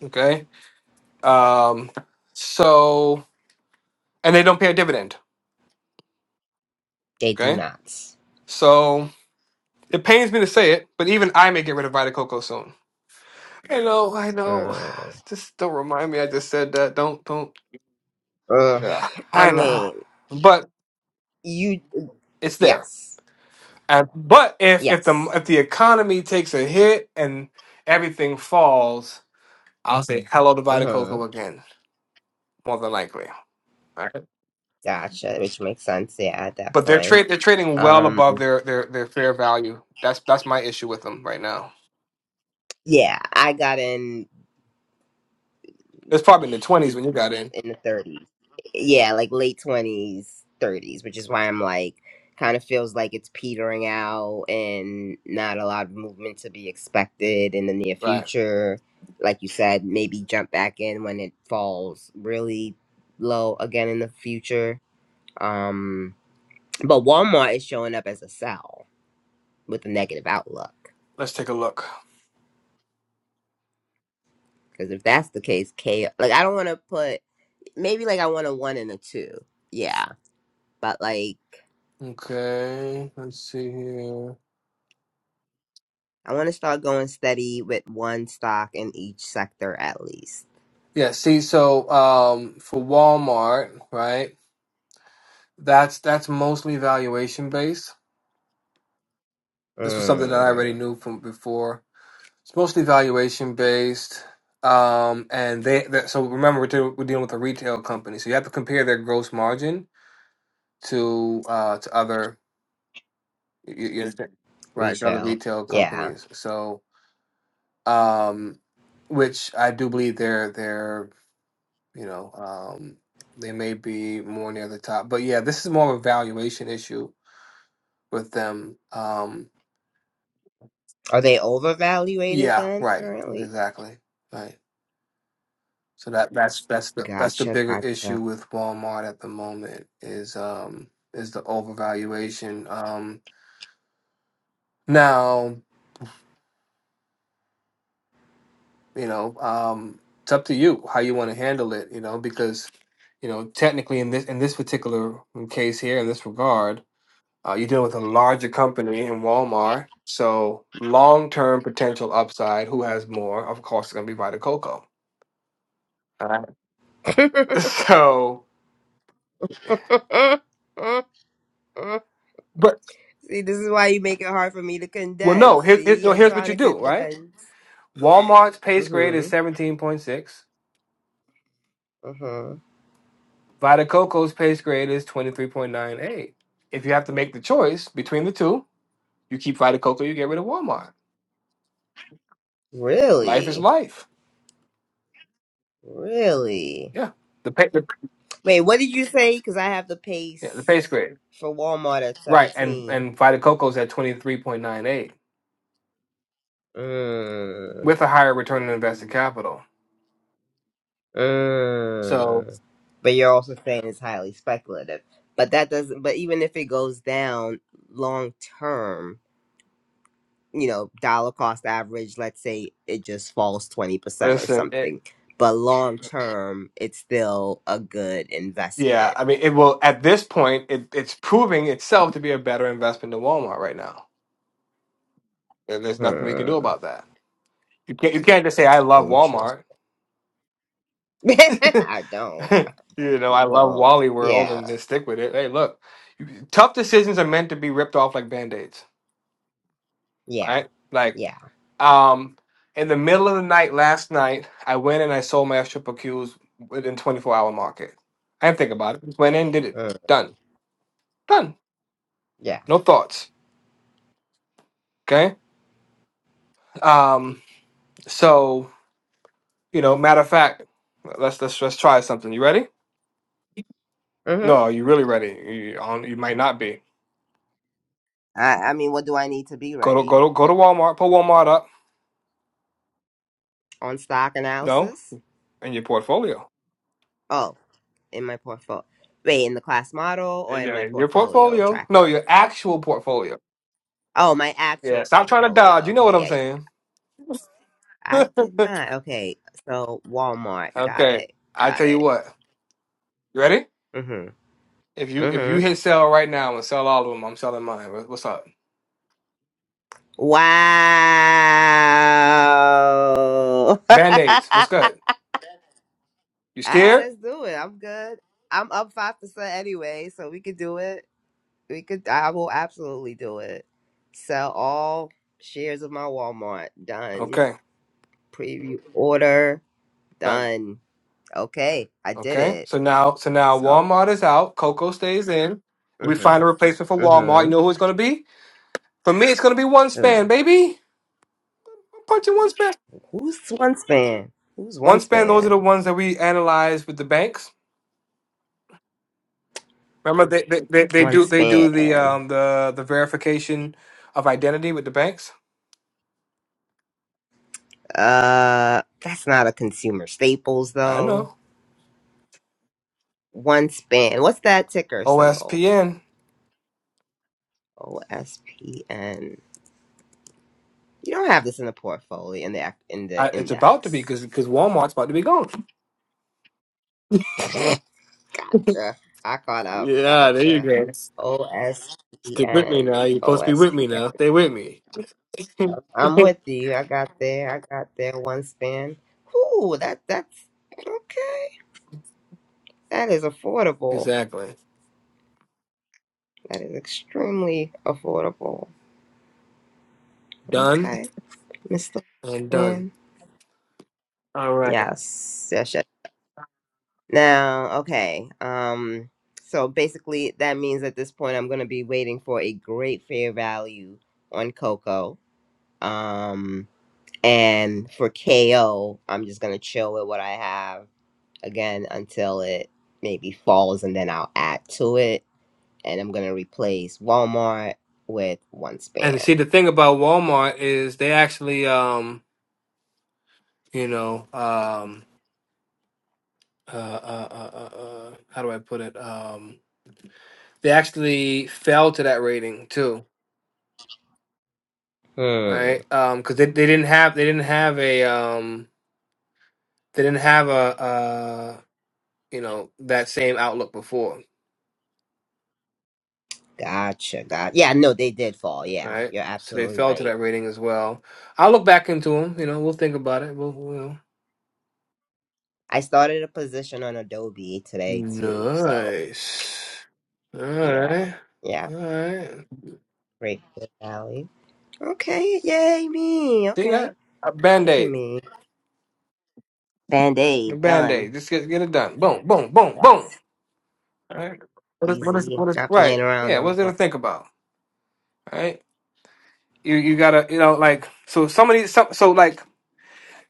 Okay. Um, so, and they don't pay a dividend.
They do
Okay.
not.
So it pains me to say it, but even I may get rid of Vita Coco soon. I know, I know.
Uh.
Just don't remind me. I just said that. Don't, don't.
Uh.
Yeah,
I
I know,
mean,
but
you. uh,
it's there.
Yes.
And but if if the
Yes.
if the economy takes a hit and everything falls, I'll say hello to Vita Coco again, more than likely. All right.
Gotcha, which makes sense, yeah, at that
But they're
point.
trade they're trading well
Um
above their their their fair value. That's that's my issue with them right now.
yeah, I got in
It's probably in the twenties when you got in.
in the 30s. Yeah, like late 20s, 30s, which is why I'm like kind of feels like it's petering out and not a lot of movement to be expected in the near
Right.
future. Like you said, maybe jump back in when it falls really low again in the future. Um but Walmart is showing up as a sell with a negative outlook.
Let's take a look.
Because if that's the case, K like I don't want to put maybe like I want a one and a two. Yeah. But like
Okay. Let's see here.
I want to start going steady with one stock in each sector at least.
Yeah. See, so um, for Walmart, right? That's that's mostly valuation based this was something that I already
Mm,
knew from before. It's mostly valuation based. Um, and they, that, so remember we're, deal- we're dealing with a retail company, so you have to compare their gross margin to uh to other you, you understand right to other
retail.
retail
Yeah.
companies. So um, which I do believe they're they're you know um they may be more near the top, but yeah, this is more of a valuation issue with them. Um,
Are they overvaluated
yeah,
then
right,
currently?
exactly, right. So that that's that's the that's the
Gotcha,
bigger
gotcha.
issue with Walmart at the moment is um is the overvaluation. Um now, you know, um it's up to you how you want to handle it, you know, because you know, technically in this in this particular case here in this regard, uh you're dealing with a larger company in Walmart. So long-term potential upside, who has more? Of course, it's gonna be Vita Coco. All right. So, but
See, this is why you make it hard for me to
well, no.
condense.
Here's here-
See,
no,
I'm
here's what
trying
you
to
do, right?
condense.
Walmart's pace grade is
Mm-hmm.
17.6.
Mm-hmm.
Vita Coco's pace grade is 23.98. If you have to make the choice between the two, you keep Vita Coco, you get rid of Walmart. Life is
Really?
life.
Really?
Yeah. The pay, the,
Wait, what did you say? Because I have the
yeah, the
pace.
pace grade.
for Walmart at
Right. And
17.
and Vita Coco's at 23.98
Mm,
with a higher return on invested capital. So
mm. But you're also saying it's highly speculative. But that doesn't, but even if it goes down long term, you know, dollar cost average, let's say it just falls 20% or
listen, it,
something. But long term, it's still a good
yeah,
investment.
I mean it will at this point it, it's proving itself to be a better investment than Walmart right now. And there's nothing we can
Hmm.
do about that. You can't you can't just say I love
Interesting.
Walmart.
I don't.
you know,
We
I love
don't.
Wally World
Yeah.
and then stick with it. Hey, look, you- tough decisions are meant to be ripped off like band aids,
Yeah.
right? Like,
Yeah.
um, in the middle of the night last night, I went and I sold my triple Qs within 24 hour market. I didn't think about it. Just went in, did it.
Mm,
Done. Done.
yeah.
No thoughts. Okay. Um, so you know, matter of fact, let's let's let's try something. You ready?
Mhm.
No, are you really ready? You, you you might not be.
I, I mean, what do I need to be
Go to
ready
go to go to Walmart. Put Walmart up.
on stock
No,
analysis?
in your portfolio.
Oh, in my portfolio. Wait, in the class model or in my
Yeah, Your
portfolio
portfolio. No,
tracker?
your actual portfolio.
Oh, my
Yeah,
actual
stop trying to dodge.
portfolio.
You know
Okay,
what I'm
yeah, yeah.
saying.
I did not. Okay, so Walmart. Got
okay.
it.
I
Got
tell you
it.
what. You ready?
Mhm.
If you if you
Mhm.
hit sell right now and sell all of them, I'm selling mine. What- What's up?
Wow. All
Band-aids. What's good? You
right,
scared?
let's do it. I'm good. I'm up five percent anyway, so we could do it. we could I will absolutely do it. Sell all shares of my Walmart. Done.
Okay.
Preview order.
Done.
Done. Okay, I did
Okay.
it.
So now so now
So
Walmart is out. Coco stays in. We
mhm.
find a replacement for Walmart. You
Mhm.
know who it's gonna be? For me, it's gonna be one
Ugh.
span, baby. I'm punching one span.
Who's one span? Who's
One
one
span, those are the
span?
ones that we analyze with the banks. Remember they, they, they, they
One
do they do the
span.
um the the verification of identity with the banks.
Uh that's not a consumer staples
I
though.
know
One span. What's that ticker symbol?
OSPN.
OSPN. You don't have this in the portfolio in the ac- in the
it's about to be
index.
because because Walmart's about to be gone.
Gotcha. I caught up.
Yeah, there you
Gotcha.
go.
O S P
Stick with me now.
N
You're supposed to be with me now. Stay with me.
am with you. I got there. I got there. One spin. Ooh, that that's okay. That is affordable.
exactly.
That is extremely affordable.
Done
Okay, Mr.
and done.
Spin.
All right.
Yes. Yes. Yes. Now, okay. Um. So basically, that means at this point, I'm gonna be waiting for a great fair value on Coco. Um. And for KO, I'm just gonna chill with what I have again until it maybe falls and then I'll add to it. And I'm gonna replace Walmart with
And see,
OneSpan.
the thing about Walmart is they actually um you know um uh uh uh, uh, uh how do I put it um they actually fell to that rating too
Hmm.
Right, um, because they, they didn't have they didn't have a um they didn't have a uh you know that same outlook before,
Gotcha, gotcha. Yeah, no, they did fall. Yeah,
right?
you're
So they
absolutely
fell to
right.
that rating as well. I'll look back into them. You know, we'll think about it. We'll, we'll.
I started a position on Adobe today too, so
Nice. All
yeah,
right,
yeah.
all right.
Great Valley. Okay, yay me.
See that?
Okay.
A band
Look at
aid,
me.
a
Band-aid
band
done.
aid. Just get get it done. Boom, boom, boom,
That's
boom. All right. What is what is
easy.
what is
Not
right?
playing around
Yeah.
no
What's there
more.
to think about? All right. You you gotta you know like so somebody some so like.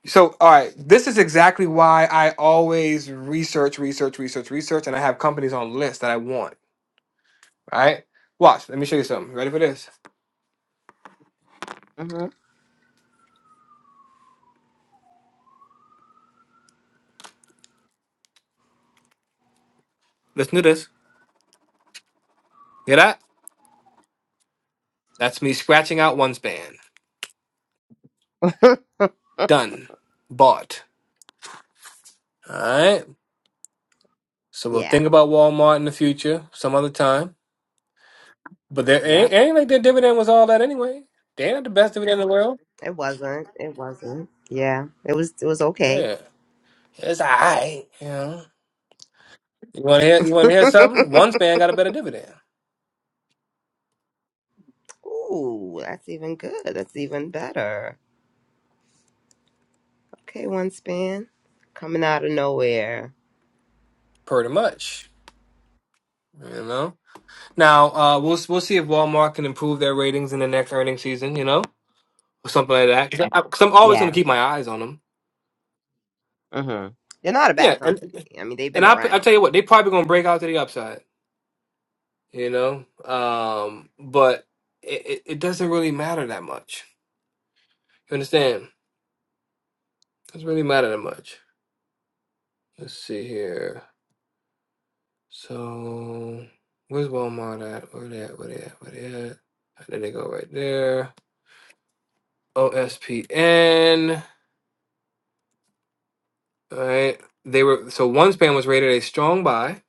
So, all right, this is exactly why I always research, research, research, research, and I have companies on lists that I want. All Right? Watch. Let me show you something. Ready for this?
hmm
Listen to this. Hear that? That's me scratching out one span. Done. Bought. All right. So we'll
Yeah.
think about Walmart in the future, some other time. But there ain't,
Yep.
ain't like their dividend was all that anyway. They ain't the best dividend in the world.
It wasn't. It wasn't. Yeah. It was. It was okay.
Yeah, it's all right. You know, you want to hear? You want to hear something? One span got a better dividend,
Ooh, that's even good. That's even better. Okay, one span coming out of nowhere.
pretty much. You know. Now uh, we'll we'll see if Walmart can improve their ratings in the next earnings season, you know, or something like that. Because I, 'cause I'm always going
Yeah.
to keep my eyes on them.
Mm-hmm. They're not a
Yeah,
bad
and
company. I mean, they've
and
been
I I
around.
tell you what, they probably going to break out to the upside, you know. Um, but it, it it doesn't really matter that much. You understand? It doesn't really matter that much. Let's see here. So where's Walmart at? Where they at? Where they at? Where they at? And they go right there. OSPN. All right. They were so OneSpan was rated a strong buy,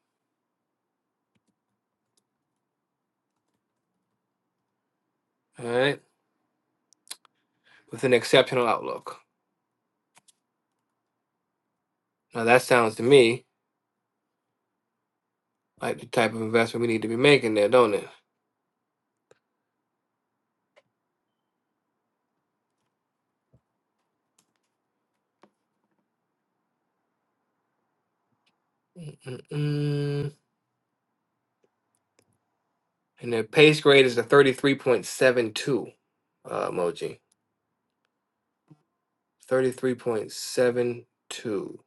all right, with an exceptional outlook. Now that sounds to me like the type of investment we need to be making there, don't it? Mm-mm-mm. And their pace grade is a 33.72 uh, emoji. 33.72.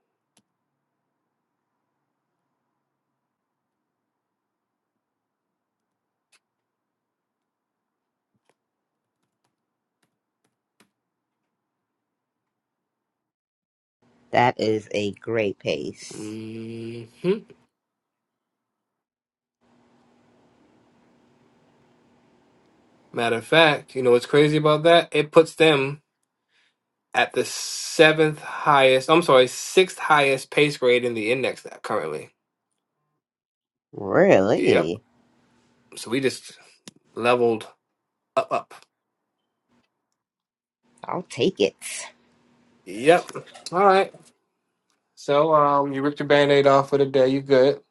That is a great pace.
hmm Matter of fact, you know what's crazy about that? It puts them at the seventh highest, I'm sorry, sixth highest pace grade in the index now currently. Yep.
Really,
So we just leveled up up.
I'll take it.
Yep. All right. So um you ripped your band-aid off for the day, you good.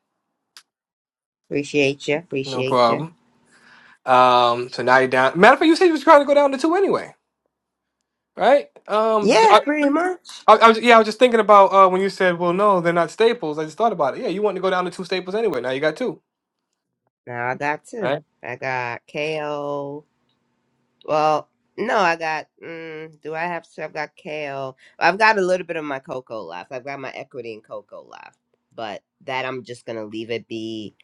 Appreciate you.
No
Appreciate you.
problem. Um so now you're down matter of fact you said you was trying to go down to two anyway, right? Um
Yeah,
I,
pretty much.
I, I was yeah, I was just thinking about uh when you said, Well no, they're not staples. I just thought about it. Yeah, you wanted to go down to two staples anyway, now you got two.
Now I got two.
Right?
I got Ko. Well, no, I got. Mm, do I have? So I've got kale. I've got a little bit of my cocoa left. I've got my equity in cocoa left, but that I'm just gonna leave it be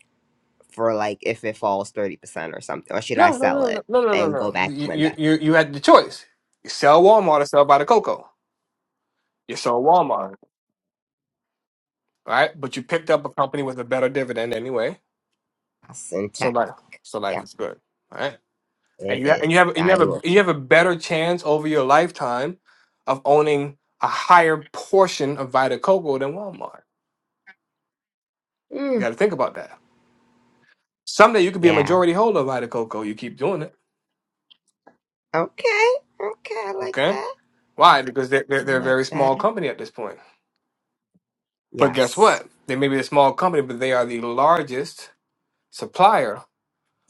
for like if it falls thirty percent or something, or should I
No, no,
sell
no, no,
it
no, no, no,
and go
no.
back
You
when
you
that's
you you had the choice. You sell Walmart or sell by the cocoa. You sold Walmart, right? But you picked up a company with a better dividend anyway So
intact?
life, so life
Yeah,
is good, all right? And
it
you ha- and you
is.
have and you
I
have a
will.
you have a better chance over your lifetime of owning a higher portion of Vita Coco than Walmart. You
Mm,
got to think about that. Someday you could be a
yeah.
majority holder of Vita Coco. You keep doing it,
Okay. Okay. I like
okay?
that.
Why? Because they're, they're
I
they're a
like
very small
that.
company at this point. But guess
Yes.
what? They may be a small company, but they are the largest supplier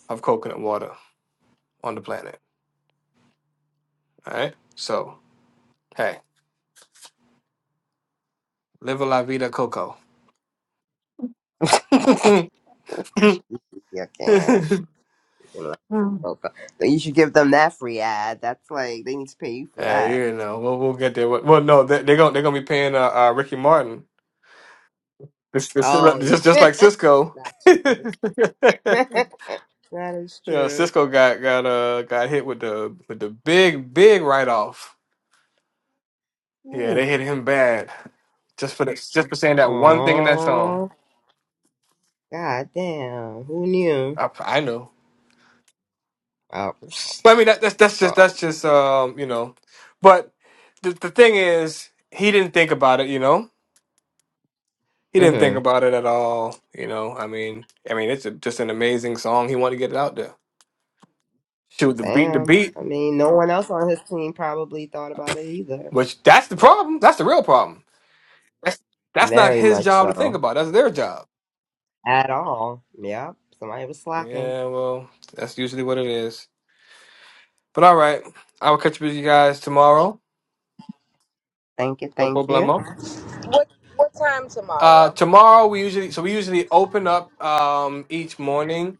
of coconut water on the planet. All right. So hey, live a la vida coco.
you can.
Mm.
Oh god. Then you should give them that free ad. That's like they need to pay you for that.
Hey, you know, we'll, we'll get there. Well, well, no, they, they're gonna they're gonna be paying uh, uh Ricky Martin. It's, it's still
Oh
up-
yeah.
just just like Cisco.
That's true.
yeah,
that is true.
Cisco got got uh got hit with the with the big big write off. Yeah,
Oof.
they hit him bad just for this, just for saying that one thing in that song.
Aww. God damn. Who knew?
I, I know,
Oh. pfft.
but I mean that, that's that's just
oh.
that's just um you know, but the the thing is he didn't think about it, you know. he didn't think
Mm-hmm.
about it at all. You know, I mean, I mean, it's a, just an amazing song. He wanted to get it out there. Shoot the beat, the
Bam.
beat,
I mean, no one else on his team probably thought about it either.
which that's the problem. That's the real problem. That's that's not
Very
his
much
job to think
so.
about. That's their job.
At all. Yep. Somebody was slacking.
Yeah, well, that's usually what it is. But all right, I will catch up with you guys tomorrow.
Thank you,
No
thank you.
problemo.
What what time
Uh,
tomorrow?
tomorrow we usually so we usually open up um each morning.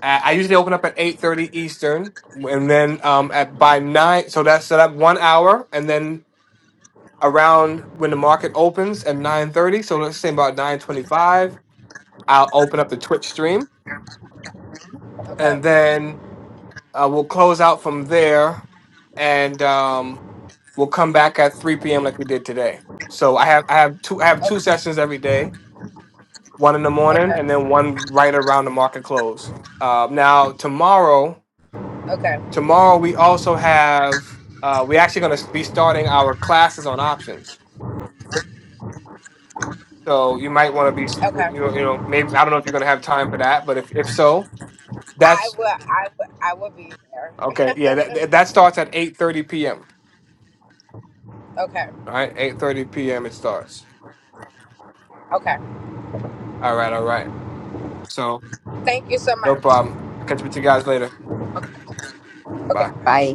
I I usually open up at eight thirty Eastern, and then um at by nine. So that's set up one hour, and then around when the market opens at 9.30 so let's say about 9.25 i'll open up the twitch stream
Okay.
and then uh, we'll close out from there and um, we'll come back at 3 p.m like we did today so i have i have two i have
Okay.
two sessions every day one in the morning
Okay.
and then one right around the market close uh, now tomorrow
Okay.
tomorrow we also have uh, we're actually going to be starting our classes on options So you might want to be,
Okay.
you know, you know, maybe I don't know if you're going to have time for that, but if if so,
I
that's
will I will I will be there.
okay. Yeah, that that that starts at 8:30 p.m.
Okay.
All right, 8:30 p.m. it starts.
Okay.
All right, all right. So
Thank you so
no
much.
problem. I'll catch up with you guys later. Bye.
Okay.
Bye.